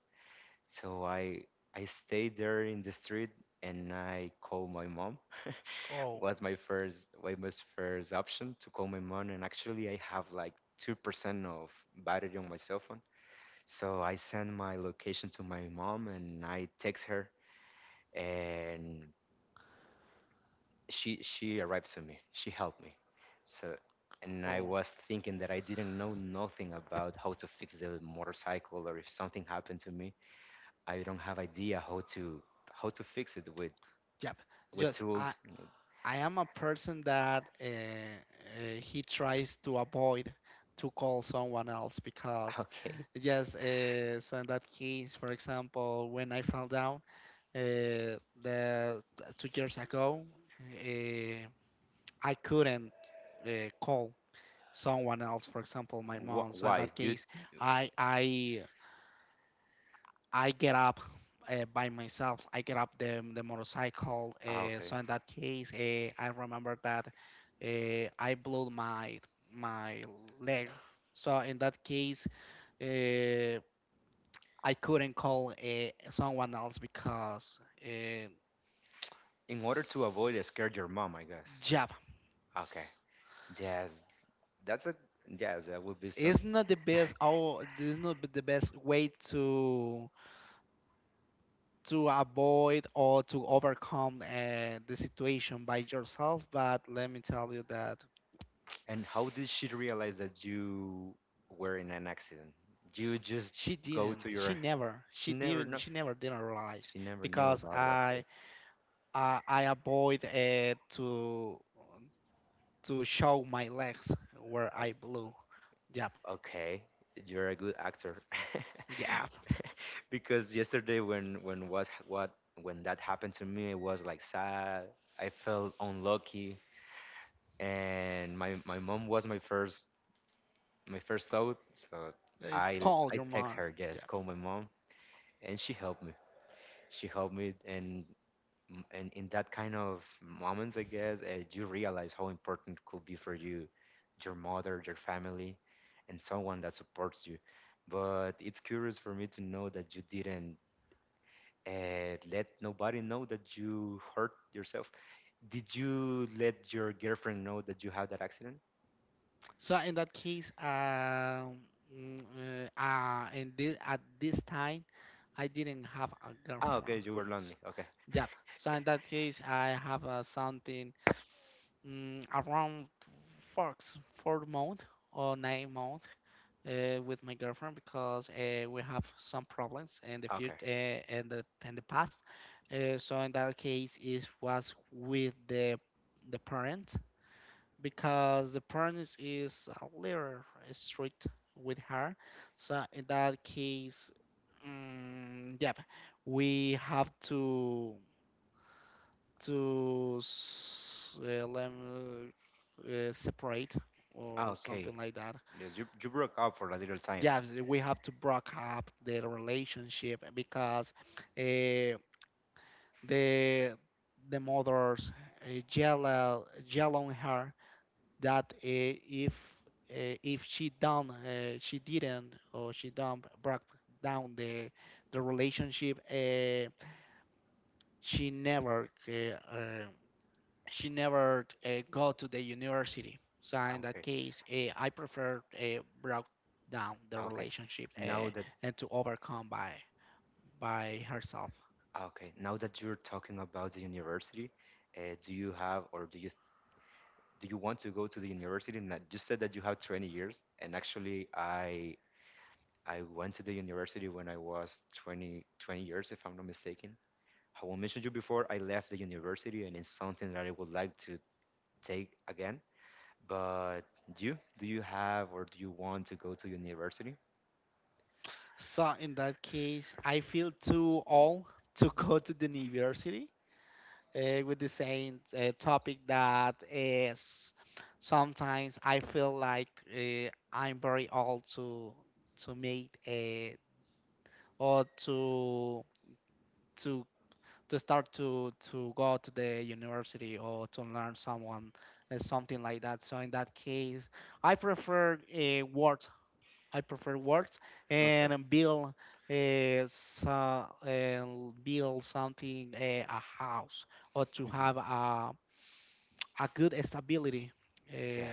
Speaker 1: So I I stayed there in the street and I called my mom.
Speaker 2: Oh,
Speaker 1: Was my first, was my first option to call my mom, and actually I have like two percent of battery on my cell phone. So I send my location to my mom and I text her and she she arrived to me. She helped me. So and I
Speaker 2: oh,
Speaker 1: was thinking that I didn't know nothing about how to fix the motorcycle or if something happened to me. I don't have idea how to, how to fix it with
Speaker 2: yep.
Speaker 1: with
Speaker 2: Yes,
Speaker 1: tools.
Speaker 2: I am a person that uh, uh, he tries to avoid to call someone else because
Speaker 1: Okay.
Speaker 2: yes, uh, so in that case, for example, when I fell down uh, the two years ago, uh, I couldn't uh, call someone else, for example, my mom.
Speaker 1: Wh-
Speaker 2: So in
Speaker 1: why,
Speaker 2: that
Speaker 1: dude?
Speaker 2: case, I I I get up uh, by myself. I get up the the motorcycle.
Speaker 1: Ah,
Speaker 2: Uh,
Speaker 1: okay.
Speaker 2: so in that case, uh, I remember that uh, I blew my my leg. So in that case, uh, I couldn't call uh, someone else because uh,
Speaker 1: In order to avoid, uh, scared your mom, I guess.
Speaker 2: job.
Speaker 1: Okay, yes, that's a, yes. That would be some.
Speaker 2: It's not the best. Oh, it's not the best way to to avoid or to overcome uh, the situation by yourself, but let me tell you that
Speaker 1: And how did she realize that you were in an accident? You just
Speaker 2: she
Speaker 1: go
Speaker 2: didn't
Speaker 1: to
Speaker 2: she
Speaker 1: your.
Speaker 2: never
Speaker 1: She
Speaker 2: she
Speaker 1: never
Speaker 2: didn't
Speaker 1: know.
Speaker 2: she never didn't realize
Speaker 1: She never knew
Speaker 2: because
Speaker 1: about it.
Speaker 2: i
Speaker 1: Okay.
Speaker 2: i, I avoid uh, to to show my legs where i blew. Yep,
Speaker 1: Okay, you're a good actor.
Speaker 2: yep.
Speaker 1: Because yesterday when when what what when that happened to me, it was like sad. I felt unlucky, and my my mom was my first, my first thought. So
Speaker 2: Uh,
Speaker 1: I
Speaker 2: call
Speaker 1: I
Speaker 2: your
Speaker 1: text
Speaker 2: mom.
Speaker 1: her, yes,
Speaker 2: Yep.
Speaker 1: call my mom, and she helped me. She helped me, and m- and in that kind of moments, I guess, uh, you realize how important could be for you, your mother, your family, and someone that supports you. But it's curious for me to know that you didn't uh, let nobody know that you hurt yourself. Did you let your girlfriend know that you had that accident?
Speaker 2: So in that case, um mm, uh, uh, and thi- at this time i didn't have a
Speaker 1: Ah, okay,
Speaker 2: girlfriend.
Speaker 1: you were lonely. Okay,
Speaker 2: Yep. So in that case, I have uh, something mm, around four, four month or nine month uh, with my girlfriend because uh, we have some problems in the future
Speaker 1: okay,
Speaker 2: uh, and the in the past. Uh, so in that case, it was with the the parent because the parents is a little strict with her. So in that case, mm, yep, we have to to s- uh, lem- uh, separate or
Speaker 1: okay.
Speaker 2: something like that.
Speaker 1: Yes, you, you broke up for a little time.
Speaker 2: Yeah, we have to break up the relationship because uh, the the mother's uh, yell yell on her that uh, if uh, if she done uh, she didn't or she don't break down the the relationship uh, she never uh, uh, she never uh, go to the university. So in that
Speaker 1: Okay,
Speaker 2: case, uh, I prefer uh, broke down the
Speaker 1: okay.
Speaker 2: relationship
Speaker 1: Now
Speaker 2: uh,
Speaker 1: that
Speaker 2: and to overcome by by herself.
Speaker 1: Okay, now that you're talking about the university, uh, do you have or do you th- do you want to go to the university? And that you said that you have 20 years, and actually, I I went to the university when I was 20 20 years, if I'm not mistaken. I will mention you before I left the university, and it's something that I would like to take again. But you, do you have or do you want to go to university?
Speaker 2: So in that case, I feel too old to go to the university uh, with the same uh, topic, that is, sometimes I feel like uh, I'm very old to to make a or to to to start to to go to the university or to learn someone uh, something like that. So in that case, I prefer uh, words, I prefer words
Speaker 1: Okay.
Speaker 2: and build uh, so, and build something, uh, a house, or to
Speaker 1: Hmm.
Speaker 2: have a, a good stability uh,
Speaker 1: Yeah,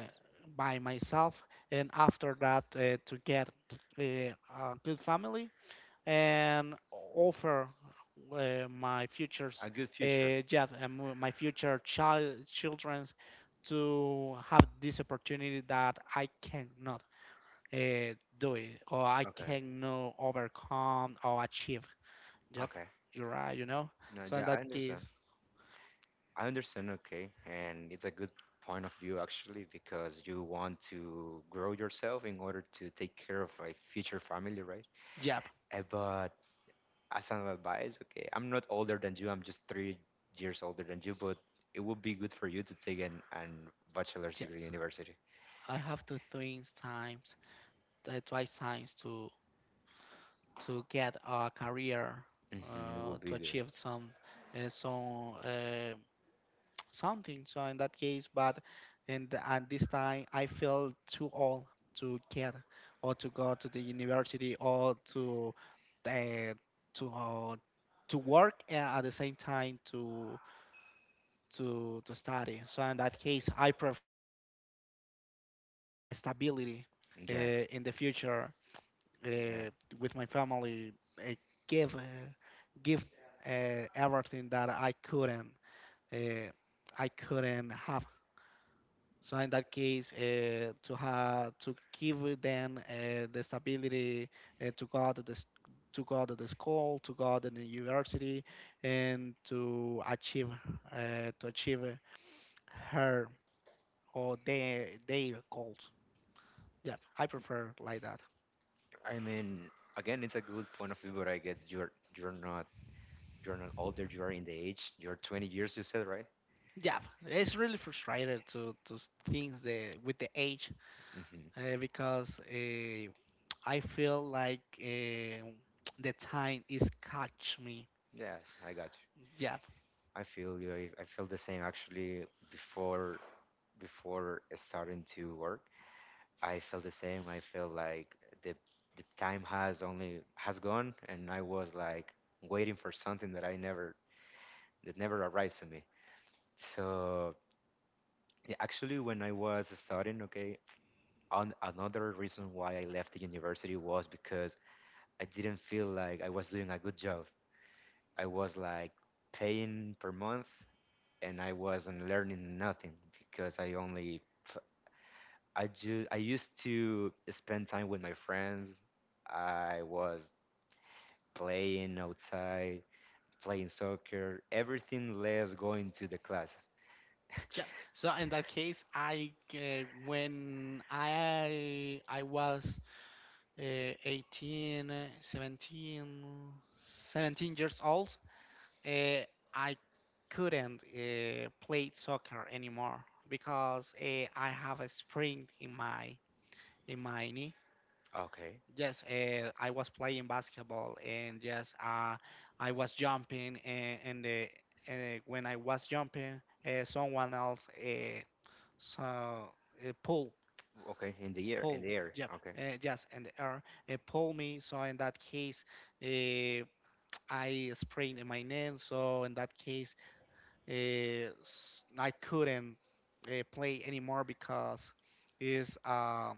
Speaker 2: by myself, and after that uh, to get uh, a good family and offer uh, my future's,
Speaker 1: a good future.
Speaker 2: uh, yeah, um, my future child childrens, to have this opportunity that I cannot uh, do it, or I
Speaker 1: Okay,
Speaker 2: cannot overcome or achieve. Yep,
Speaker 1: okay.
Speaker 2: you're right. You know.
Speaker 1: No,
Speaker 2: So in
Speaker 1: yeah, I
Speaker 2: that
Speaker 1: understand.
Speaker 2: case,
Speaker 1: I understand, okay, and it's a good point of view actually because you want to grow yourself in order to take care of a future family, right?
Speaker 2: yep,
Speaker 1: Eh, But as an advice, okay, I'm not older than you, I'm just three years older than you, but it would be good for you to take an, an bachelor's degree in
Speaker 2: yes,
Speaker 1: university.
Speaker 2: I have to think times, uh, twice times to to get a career,
Speaker 1: Hmm, it
Speaker 2: uh,
Speaker 1: would
Speaker 2: to
Speaker 1: be good.
Speaker 2: achieve some uh, some. Uh, something. So in that case, but and at this time, I feel too old to get or to go to the university, or to uh, to uh, to work, and at the same time to to to study. So in that case, I prefer to build uh, a stability
Speaker 1: Yes.
Speaker 2: uh, in the future
Speaker 1: Yeah.
Speaker 2: uh, with my family. Uh, give uh, Give them uh, everything that I couldn't uh, I couldn't have. So in that case, uh, to have to give them uh, the stability uh, to go to the s- to go to the school, to go to the university, and to achieve uh, to achieve her or their their goals. Yeah, I prefer like that.
Speaker 1: I mean, again, it's a good point of view, but I get you're you're not you're not older. You are in the age. You're twenty years. You said, right?
Speaker 2: Yeah, it's really frustrating to to s- things the with the age
Speaker 1: Hmm.
Speaker 2: uh, because uh, I feel like uh, the time is catch me.
Speaker 1: Yes, I got
Speaker 2: Yeah,
Speaker 1: I feel you. I, I feel the same actually before before starting to work. I felt the same. I feel like the the time has only has gone, and I was like waiting for something that I never that never arrives to me. So yeah, actually when I was studying, okay, on another reason why I left the university was because I didn't feel like I was doing a good job. I was like paying per month, and I wasn't learning nothing because I only f- I ju- I used to spend time with my friends. I was playing outside, playing soccer, everything less going to the classes.
Speaker 2: yeah. So in that case, I uh, when I I was uh, eighteen, uh, seventeen, seventeen years old, uh, I couldn't uh, play soccer anymore because uh, I have a sprain in my in my knee.
Speaker 1: Okay.
Speaker 2: Yes, uh, I was playing basketball, and yes, uh, I was jumping, and, and, uh, and uh, when I was jumping, uh, someone else uh, so uh, pull,
Speaker 1: Okay, in the year, in
Speaker 2: pull,
Speaker 1: the air.
Speaker 2: yep,
Speaker 1: Okay,
Speaker 2: uh, yes, and the R uh, pull me. So in that case, uh, I sprained my knee. So in that case, uh, s- I couldn't uh, play anymore, because is uh,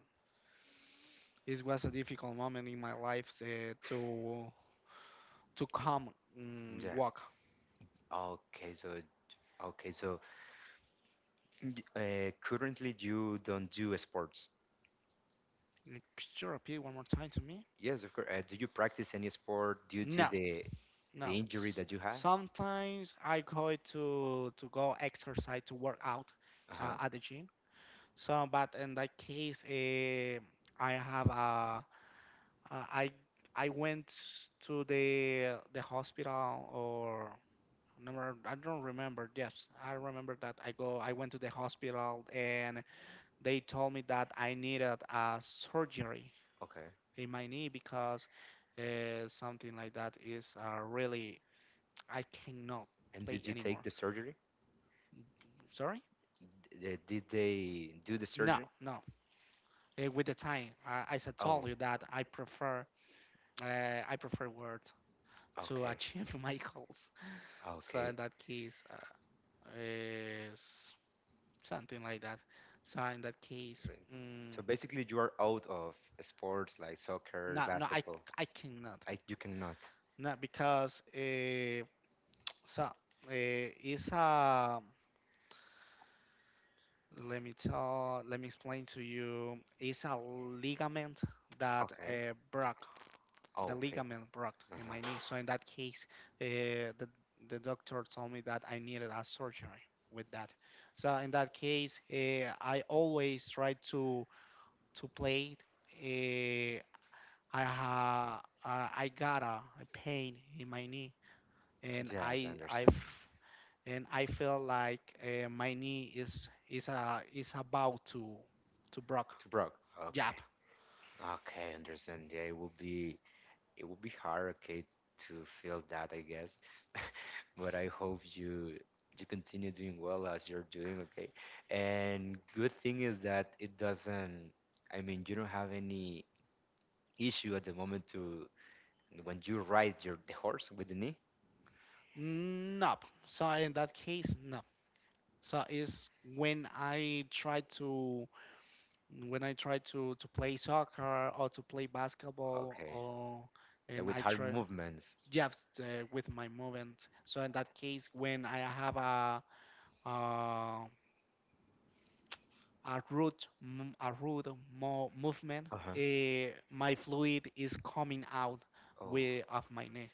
Speaker 2: it was a difficult moment in my life uh, to to come mm
Speaker 1: yeah.
Speaker 2: walk.
Speaker 1: Okay, so okay, so d- uh, currently you don't do sports.
Speaker 2: Mm, could you repeat one more time to me?
Speaker 1: Yes, of course. Uh, do you practice any sport due to
Speaker 2: No.
Speaker 1: the the
Speaker 2: No.
Speaker 1: injury
Speaker 2: s-
Speaker 1: that you had?
Speaker 2: Sometimes I go to to go exercise, to work out
Speaker 1: Uh
Speaker 2: uh,
Speaker 1: huh.
Speaker 2: at the gym. So, but in that case, eh, I have a uh, I I went to the the hospital or number, I don't remember. Yes, I remember that I go I went to the hospital, and they told me that I needed a surgery
Speaker 1: Okay.
Speaker 2: in my knee because uh, something like that is uh, really I cannot
Speaker 1: And
Speaker 2: play
Speaker 1: did you take
Speaker 2: anymore.
Speaker 1: the surgery?
Speaker 2: Sorry?
Speaker 1: D- uh, Did they do the
Speaker 2: No,
Speaker 1: surgery?
Speaker 2: no. Uh, with the time, I, as I
Speaker 1: Oh,
Speaker 2: told you, that I prefer uh, I prefer Word to
Speaker 1: okay,
Speaker 2: achieve my goals. So
Speaker 1: okay.
Speaker 2: in that case, uh, is something like that. So in that case,
Speaker 1: Uh,
Speaker 2: mm,
Speaker 1: So basically, you are out of sports like soccer,
Speaker 2: no, no, I
Speaker 1: basketball.
Speaker 2: I cannot.
Speaker 1: I, you cannot.
Speaker 2: Not because uh, so uh, it's a let me tell let me explain to you. It's a ligament that
Speaker 1: Okay.
Speaker 2: uh, broke the
Speaker 1: Okay.
Speaker 2: ligament broke in
Speaker 1: Uh-huh.
Speaker 2: my knee. So in that case, uh, the the doctor told me that I needed a surgery with that. So in that case, uh, I always try to to play. Uh, I ha uh, I got a, a pain in my knee, and
Speaker 1: Yes, I
Speaker 2: I I I
Speaker 1: understand.
Speaker 2: f- and I feel like uh, my knee is is a is about to to broke.
Speaker 1: To Brock. Okay.
Speaker 2: Jab.
Speaker 1: Okay, understand. Yeah, it will be it would be hard, okay, to feel that, I guess. But I hope you you continue doing well as you're doing, okay? And good thing is that it doesn't, I mean, you don't have any issue at the moment to when you ride your the horse with the knee.
Speaker 2: No. So in that case, no. So it's when I try to when I try to to play soccer, or to play basketball,
Speaker 1: Okay.
Speaker 2: or
Speaker 1: Like
Speaker 2: and
Speaker 1: with
Speaker 2: I
Speaker 1: hard
Speaker 2: try,
Speaker 1: movements.
Speaker 2: yeah, uh, with my movement. So in that case, when I have a uh, a root m- a root mo- movement,
Speaker 1: Uh-huh.
Speaker 2: uh, my fluid is coming out
Speaker 1: Oh,
Speaker 2: with of my knee.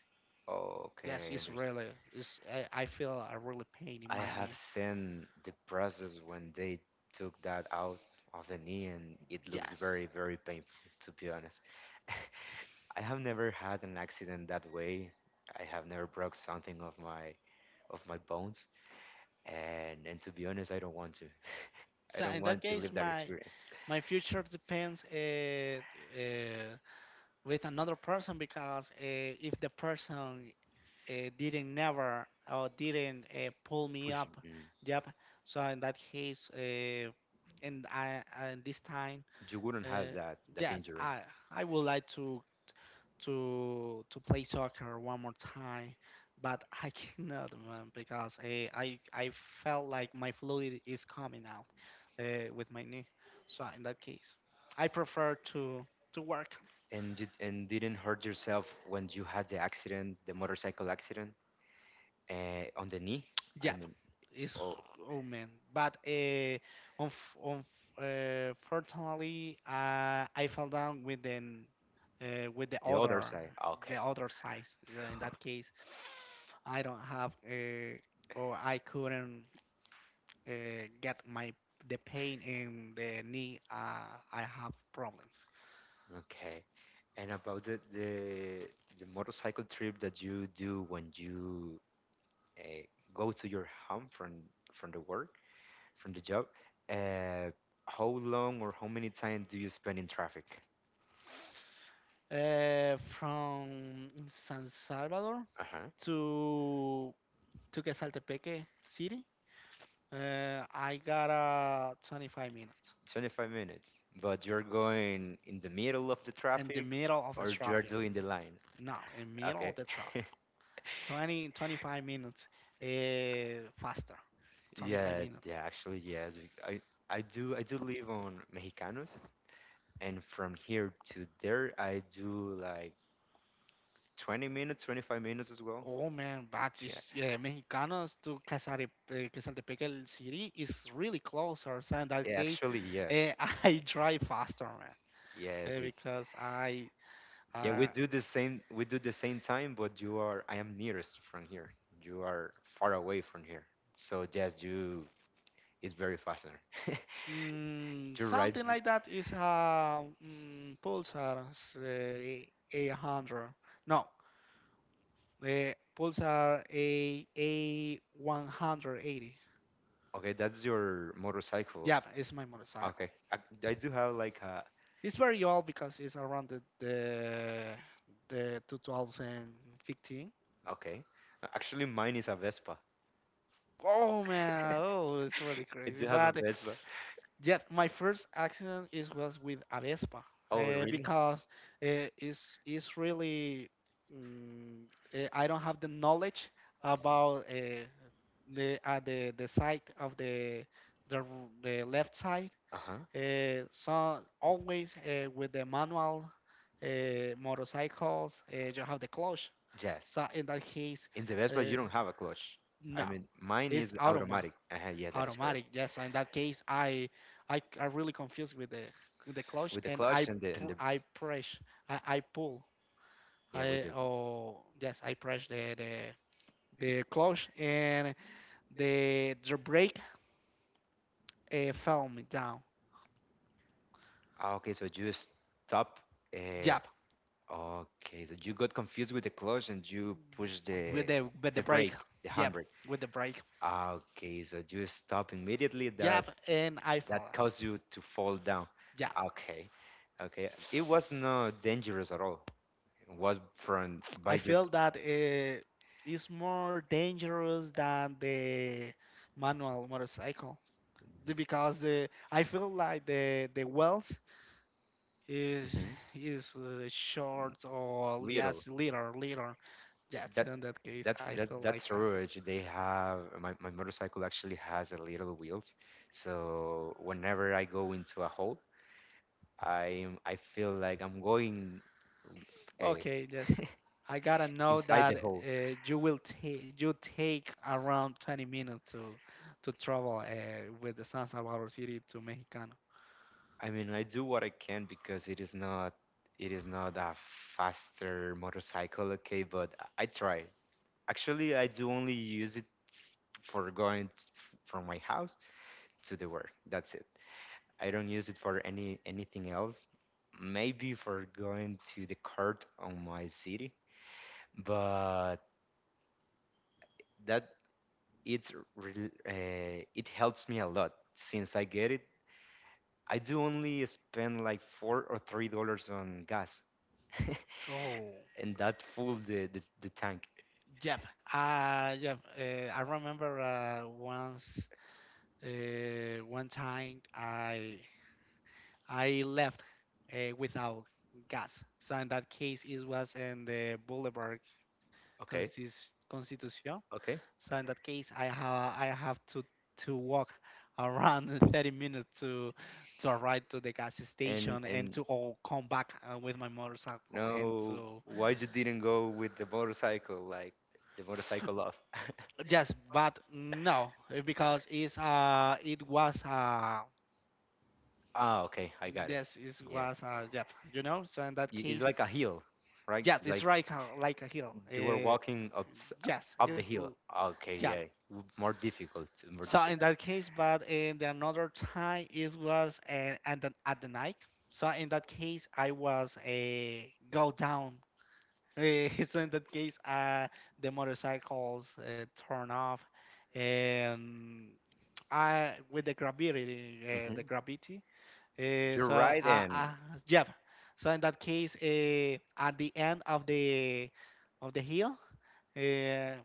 Speaker 1: oh,
Speaker 2: Yes,
Speaker 1: okay, I
Speaker 2: it's
Speaker 1: understand.
Speaker 2: really it's I, I feel a really pain in
Speaker 1: I
Speaker 2: my
Speaker 1: have
Speaker 2: knee.
Speaker 1: seen the process when they took that out of the knee, and it looks
Speaker 2: Yes.
Speaker 1: very, very painful, to be honest. I have never had an accident that way. I have never broke something of my of my bones, and and to be honest, I don't want to. I
Speaker 2: So
Speaker 1: don't
Speaker 2: in that
Speaker 1: want to
Speaker 2: case,
Speaker 1: live that
Speaker 2: my
Speaker 1: experience.
Speaker 2: my future depends uh, uh, with another person, because uh, if the person uh, didn't never or didn't uh, pull me
Speaker 1: Push,
Speaker 2: up,
Speaker 1: mm,
Speaker 2: yep. So in that case, uh, and I and this time,
Speaker 1: you wouldn't have
Speaker 2: uh,
Speaker 1: that that
Speaker 2: yes,
Speaker 1: injury,
Speaker 2: i i would like to to to play soccer one more time, but I cannot, man, because eh, I I felt like my fluid is coming out uh, with my knee. So in that case, I prefer to to work.
Speaker 1: and you and didn't hurt yourself when you had the accident, the motorcycle accident. Uh, on the knee? I
Speaker 2: Yeah,
Speaker 1: mean,
Speaker 2: it's
Speaker 1: oh,
Speaker 2: oh man, but uh, on on uh, fortunately, uh, I fell down with the uh, with the
Speaker 1: the other
Speaker 2: other
Speaker 1: side. Ah, Okay.
Speaker 2: the other size. So in that case, I don't have uh, or I couldn't uh, get my the pain in the knee. Uh, I have problems.
Speaker 1: Okay. And about the, the the motorcycle trip that you do when you uh, go to your home from from the work, from the job, uh, how long or how many time do you spend in traffic?
Speaker 2: Uh, from San Salvador
Speaker 1: Uh-huh.
Speaker 2: to to Quesaltepeque City, uh, I got uh, twenty-five minutes
Speaker 1: 25 minutes. But you're going in the middle of the
Speaker 2: in the
Speaker 1: traffic,
Speaker 2: middle of the
Speaker 1: or you're
Speaker 2: traffic.
Speaker 1: doing the line?
Speaker 2: No, in middle
Speaker 1: Okay.
Speaker 2: of the traffic. twenty, twenty-five minutes uh, faster. twenty-five
Speaker 1: Yeah, yeah,
Speaker 2: minutes.
Speaker 1: actually, yes. be- I I do I do live on Mexicanos, and from here to there, I do like 20 minutes, 25 minutes as well.
Speaker 2: Oh man, but
Speaker 1: Yeah.
Speaker 2: is yeah, Mexicanos to Casare, eh, Quesaltepeque city is really closer. So in that
Speaker 1: Yeah,
Speaker 2: case,
Speaker 1: actually, yes.
Speaker 2: eh, I drive faster, man, eh,
Speaker 1: Yes, it,
Speaker 2: because I
Speaker 1: yeah, we
Speaker 2: uh,
Speaker 1: do the same we do the same time, but you are I am nearest from here. You are far away from here. So yes, you it's very fascinating.
Speaker 2: mm,
Speaker 1: You're right.
Speaker 2: something like that is a mm, Pulsar eh, A one hundred. No, eh, Pulsar A A180.
Speaker 1: Okay, that's your motorcycle.
Speaker 2: Yeah, it's my motorcycle.
Speaker 1: Okay. I, I do have like a,
Speaker 2: It's very old because it's around the the, the twenty fifteen.
Speaker 1: okay. Uh, Actually, mine is a Vespa.
Speaker 2: Oh man, oh, it's really
Speaker 1: I
Speaker 2: crazy.
Speaker 1: do have a
Speaker 2: But uh,
Speaker 1: Vespa.
Speaker 2: yeah, my first accident is was with a Vespa,
Speaker 1: Oh,
Speaker 2: uh,
Speaker 1: really?
Speaker 2: because uh, it's it's really mm, uh, I don't have the knowledge about uh, the at the the side of the the r- the left side.
Speaker 1: Uh huh.
Speaker 2: Uh, so always uh, with the manual uh, motorcycles, uh, you have the clutch.
Speaker 1: Yes.
Speaker 2: So in that case,
Speaker 1: In the Vespa,
Speaker 2: uh,
Speaker 1: you don't have a clutch.
Speaker 2: no,
Speaker 1: I mean, mine
Speaker 2: it's
Speaker 1: is
Speaker 2: automatic
Speaker 1: automatic. Uh-huh, yeah, that is correct.
Speaker 2: automatic. Yes, so in that case, I I I really confused with the with the clutch,
Speaker 1: With the
Speaker 2: and I
Speaker 1: clutch and the and
Speaker 2: pr-
Speaker 1: the
Speaker 2: I press I, I pull
Speaker 1: yeah with
Speaker 2: I
Speaker 1: the.
Speaker 2: oh yes, I press the the the clutch and the the brake uh, fell me down.
Speaker 1: Ah, okay, so you stop. Uh,
Speaker 2: Yep,
Speaker 1: okay, so you got confused with the clutch and you push the
Speaker 2: with the with the
Speaker 1: the
Speaker 2: brake.
Speaker 1: brake, the
Speaker 2: Yep,
Speaker 1: handbrake.
Speaker 2: with the brake.
Speaker 1: Ah, Okay, so you stop immediately. That
Speaker 2: Yep, and I fell
Speaker 1: that caused
Speaker 2: down.
Speaker 1: you to fall down.
Speaker 2: Yep,
Speaker 1: Okay, okay. It was not dangerous at all. It was from by
Speaker 2: I
Speaker 1: your,
Speaker 2: feel that uh, it's more dangerous than the manual motorcycle, the- because the I feel like the the wealth is
Speaker 1: mhm,
Speaker 2: is uh, short or
Speaker 1: little.
Speaker 2: yes little little. Yes,
Speaker 1: That
Speaker 2: in that case,
Speaker 1: that's
Speaker 2: I feel
Speaker 1: that that's
Speaker 2: like uh,
Speaker 1: Surge. They have my, my motorcycle actually has a little wheels, so whenever I go into a hole, I I feel like I'm going uh,
Speaker 2: okay, yes. I gotta know
Speaker 1: inside
Speaker 2: that
Speaker 1: the hole.
Speaker 2: uh, you will take you take around twenty minutes to to travel uh, with the San Salvador City to Mexicano.
Speaker 1: I mean, I do what I can because it is not it is not a faster motorcycle, okay, but I I try. Actually, I do only use it for going t- from my house to the work. That's it. I don't use it for any anything else. Maybe for going to the court on my city, but that it's re- uh, it helps me a lot since I get it. I do only spend like four or three dollars on gas,
Speaker 2: Oh,
Speaker 1: and that filled the, the the tank.
Speaker 2: yep. Uh, yep. Uh, I remember uh, once, uh, one time I I left uh, without gas. So in that case, it was in the Boulevard
Speaker 1: Okay,
Speaker 2: Constis- Constitucion.
Speaker 1: okay.
Speaker 2: So in that case, I have I have to to walk around thirty minutes to to arrive to the gas
Speaker 1: And
Speaker 2: station and
Speaker 1: and
Speaker 2: to all come back uh, with my motorcycle, and
Speaker 1: no,
Speaker 2: to
Speaker 1: why you didn't go with the motorcycle? Like the motorcycle off.
Speaker 2: yes, but no, uh, because it's uh it was uh
Speaker 1: Ah, okay, I got it.
Speaker 2: yes it
Speaker 1: Yeah,
Speaker 2: was uh yep you know so in that
Speaker 1: I- it's
Speaker 2: case,
Speaker 1: like a hill, right?
Speaker 2: yes, it's
Speaker 1: Like
Speaker 2: like a like a hill.
Speaker 1: you were
Speaker 2: Uh,
Speaker 1: walking up s-
Speaker 2: yes,
Speaker 1: up the
Speaker 2: it's l-
Speaker 1: hill. Okay,
Speaker 2: yeah.
Speaker 1: yeah, w- more difficult, more
Speaker 2: So in
Speaker 1: difficult.
Speaker 2: that case, but in the another time, it was uh, and then at the night. So in that case, I was a go down. Eh, so in that case, uh, the motorcycles uh, turn off, and I with the gravity, uh,
Speaker 1: Hmm.
Speaker 2: the gravity. Uh,
Speaker 1: You're
Speaker 2: so
Speaker 1: right,
Speaker 2: I,
Speaker 1: and
Speaker 2: I, yeah. So in that case, uh, at the end of the of the hill, Uh,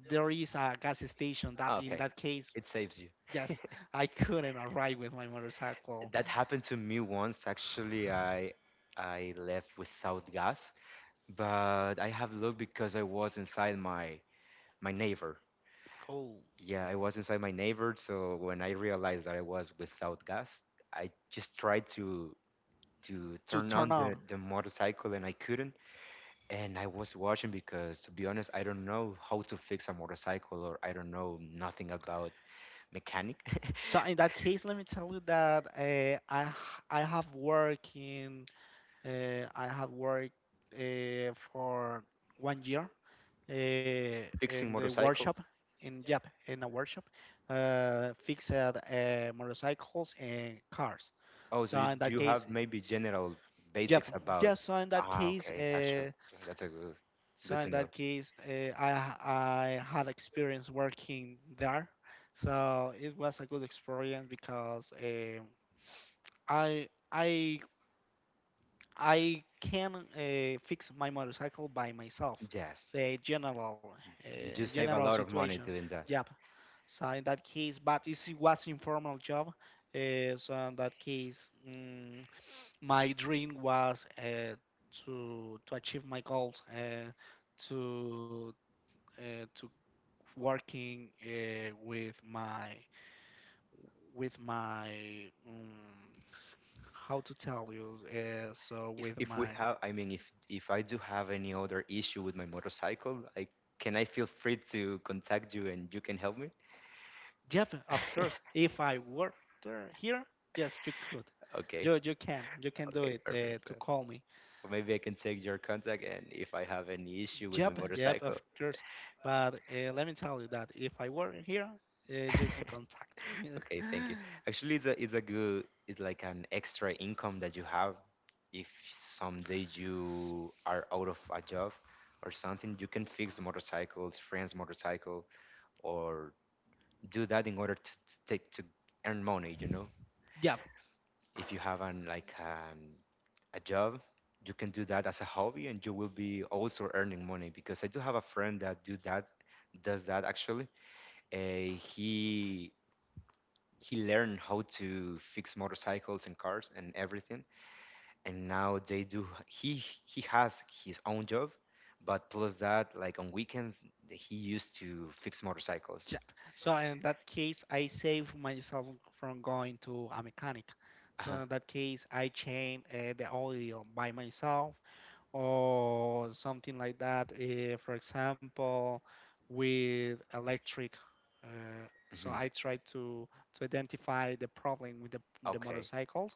Speaker 2: there is a gas station that, in
Speaker 1: okay,
Speaker 2: that case,
Speaker 1: it saves you.
Speaker 2: yes, I couldn't arrive with my motorcycle.
Speaker 1: That happened to me once. Actually, I I left without gas, but I have luck because I was inside my my neighbor.
Speaker 2: Oh,
Speaker 1: Yeah, I was inside my neighbor. So when I realized that I was without gas, I just tried to to
Speaker 2: to
Speaker 1: turn on
Speaker 2: turn
Speaker 1: the,
Speaker 2: on.
Speaker 1: the motorcycle and I couldn't. And I was watching because to be honest, I don't know how to fix a motorcycle, or I don't know nothing about mechanic
Speaker 2: So in that case, let me tell you that uh, I h- I have worked in uh, I have worked uh, for one year uh, in
Speaker 1: fixing
Speaker 2: the workshop
Speaker 1: motorcycles.
Speaker 2: in yep, in a workshop uh, fixed uh, motorcycles and cars.
Speaker 1: Oh, so
Speaker 2: So
Speaker 1: you
Speaker 2: in
Speaker 1: do
Speaker 2: that
Speaker 1: you
Speaker 2: case,
Speaker 1: have maybe general
Speaker 2: yep,
Speaker 1: basics about?
Speaker 2: yes. So in that
Speaker 1: Ah,
Speaker 2: case,
Speaker 1: okay, actually,
Speaker 2: uh,
Speaker 1: that's a good,
Speaker 2: So
Speaker 1: good
Speaker 2: in
Speaker 1: to know.
Speaker 2: that case, uh, I I had experience working there, so it was a good experience, because eh, I I I can uh, fix my motorcycle by myself.
Speaker 1: Yes,
Speaker 2: Say general
Speaker 1: and
Speaker 2: uh,
Speaker 1: you save a
Speaker 2: general
Speaker 1: lot of money
Speaker 2: situation
Speaker 1: doing that.
Speaker 2: job. So in that case, but it was informal job. Uh, so in that case, mm, my dream was uh, to to achieve my goals. Uh, to uh, to working uh, with my with my um, how to tell you, uh, so
Speaker 1: If
Speaker 2: with
Speaker 1: if we
Speaker 2: my
Speaker 1: have, I mean, if if I do have any other issue with my motorcycle, I can I feel free to contact you and you can help me?
Speaker 2: yep. Of course, if I work there here, yes, you could
Speaker 1: Okay,
Speaker 2: you you can you can do
Speaker 1: okay,
Speaker 2: it,
Speaker 1: perfect.
Speaker 2: uh,
Speaker 1: So
Speaker 2: to call me,
Speaker 1: maybe I can take your contact and if I have any issue with my
Speaker 2: yep, yep,
Speaker 1: motorcycle,
Speaker 2: of course. But uh, let me tell you that if I were here, uh, you can contact me
Speaker 1: okay, thank you. Actually, it's a it's a good it's like an extra income that you have if someday you are out of a job or something, you can fix the motorcycles, friend's motorcycle, or do that in order to, to take to earn money, you know.
Speaker 2: yeah.
Speaker 1: If you have an like an a job, you can do that as a hobby and you will be also earning money because I do have a friend that do that does that actually. Uh, he he learned how to fix motorcycles and cars and everything, and now they do he he has his own job, but plus that like on weekends th- he used to fix motorcycles.
Speaker 2: Yep. So in that case, I save myself from going to a mechanic. So
Speaker 1: Uh-huh.
Speaker 2: in that case, I change uh, the oil by myself or something like that. Uh, for example, with electric. Uh, so
Speaker 1: Hmm.
Speaker 2: I try to to identify the problem with the, the
Speaker 1: Okay.
Speaker 2: motorcycles.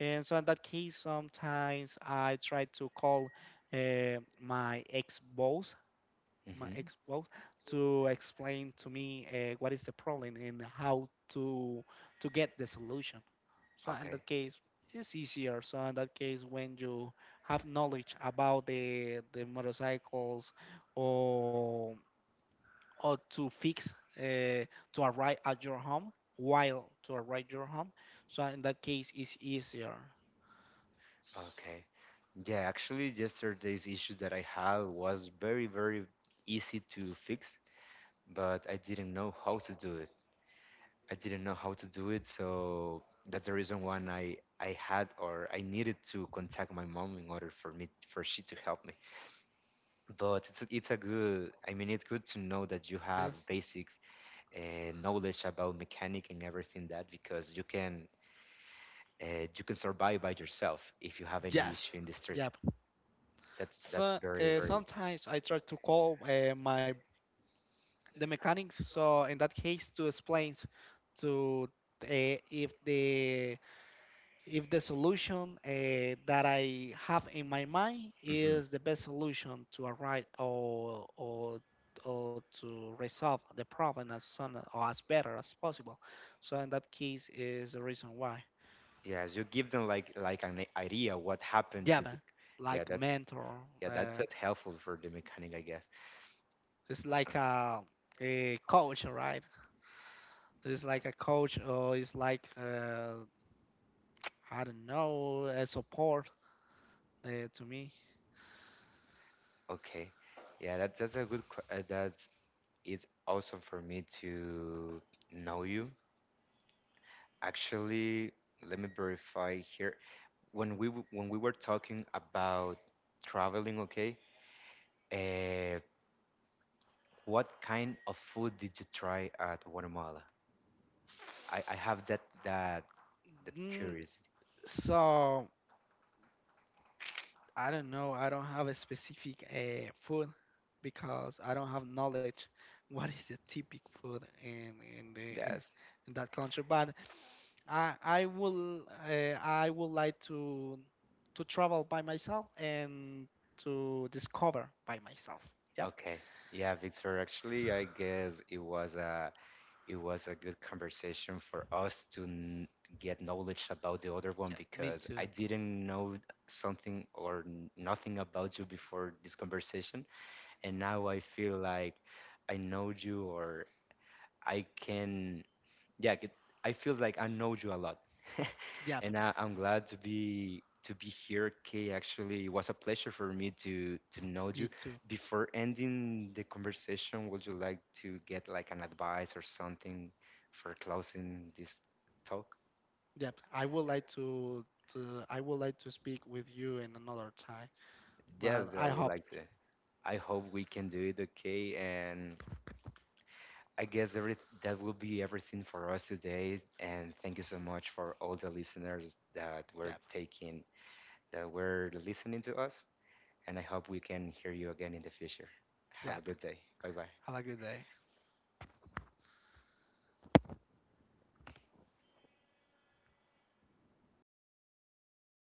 Speaker 2: And so in that case, sometimes I try to call uh, my ex-boss my
Speaker 1: Hmm.
Speaker 2: ex-wife, to explain to me uh, what is the problem and how to to get the solution. So in
Speaker 1: Okay.
Speaker 2: that case, it's easier. So in that case, when you have knowledge about the the motorcycles or or to fix uh, to arrive at your home while to arrive your home. So in that case, it's easier.
Speaker 1: Okay. Yeah, actually yesterday's issue that I had was very, very easy to fix, but I didn't know how to do it. I didn't know how to do it, so that's the reason why I I had or I needed to contact my mom in order for me for she to help me. But it's a- it's a good, I mean it's good to know that you have
Speaker 2: Yes.
Speaker 1: basics uh, knowledge about mechanic and everything that because you can uh, you can survive by yourself if you have any
Speaker 2: Yes.
Speaker 1: issue in the street.
Speaker 2: Yep.
Speaker 1: That's that's
Speaker 2: So
Speaker 1: very,
Speaker 2: uh,
Speaker 1: very.
Speaker 2: sometimes I try to call uh, my the mechanics, so in that case to explains to uh, if the if the solution uh, that I have in my mind
Speaker 1: Hmm.
Speaker 2: is the best solution to arrive or or or to resolve the problem as soon or as better as possible. So in that case is the reason why
Speaker 1: Yes, you give them like like an idea what happened to the.
Speaker 2: Java,
Speaker 1: Yeah,
Speaker 2: like
Speaker 1: that.
Speaker 2: mentor,
Speaker 1: Yeah, that's
Speaker 2: uh,
Speaker 1: that's helpful for the mechanic, I guess.
Speaker 2: it's like a a coach, right? It's like a coach, or it's like uh, I don't know, uh, support uh, to me.
Speaker 1: Okay. Yeah, that's that's a good que- uh, that's it's awesome for me to know you. Actually, let me verify here. When we w- when we were talking about traveling, okay? Uh, what kind of food did you try at Guatemala? I I have that that that
Speaker 2: Mm,
Speaker 1: curiosity.
Speaker 2: so I don't know. I don't have a specific uh, food because I don't have knowledge what is the typic food in in, the,
Speaker 1: Yes.
Speaker 2: in that country. But I I will uh, I would like to to travel by myself and to discover by myself. Yep.
Speaker 1: Okay. Yeah, Victor, actually, I guess it was a It was a good conversation for us to n- get knowledge about the other one
Speaker 2: Yep. Me
Speaker 1: because
Speaker 2: too.
Speaker 1: I didn't know something or n- nothing about you before this conversation, and now I feel like I know you or I can yeah, get- I feel like I know you a lot,
Speaker 2: Yep.
Speaker 1: and I, I'm glad to be to be here. Kay, actually, it was a pleasure for me to to know
Speaker 2: Me
Speaker 1: you.
Speaker 2: too.
Speaker 1: Before ending the conversation, would you like to get like an advice or something for closing this talk?
Speaker 2: Yep, I would like to, to I would like to speak with you in another time, but
Speaker 1: Yes, I
Speaker 2: I
Speaker 1: would
Speaker 2: hope.
Speaker 1: like to. I hope we can do it, okay, and I guess every that will be everything for us today. And thank you so much for all the listeners that were
Speaker 2: Yep,
Speaker 1: taking that were listening to us. And I hope we can hear you again in the future. Have a
Speaker 2: yep.
Speaker 1: good day. Bye bye.
Speaker 2: Have a good day.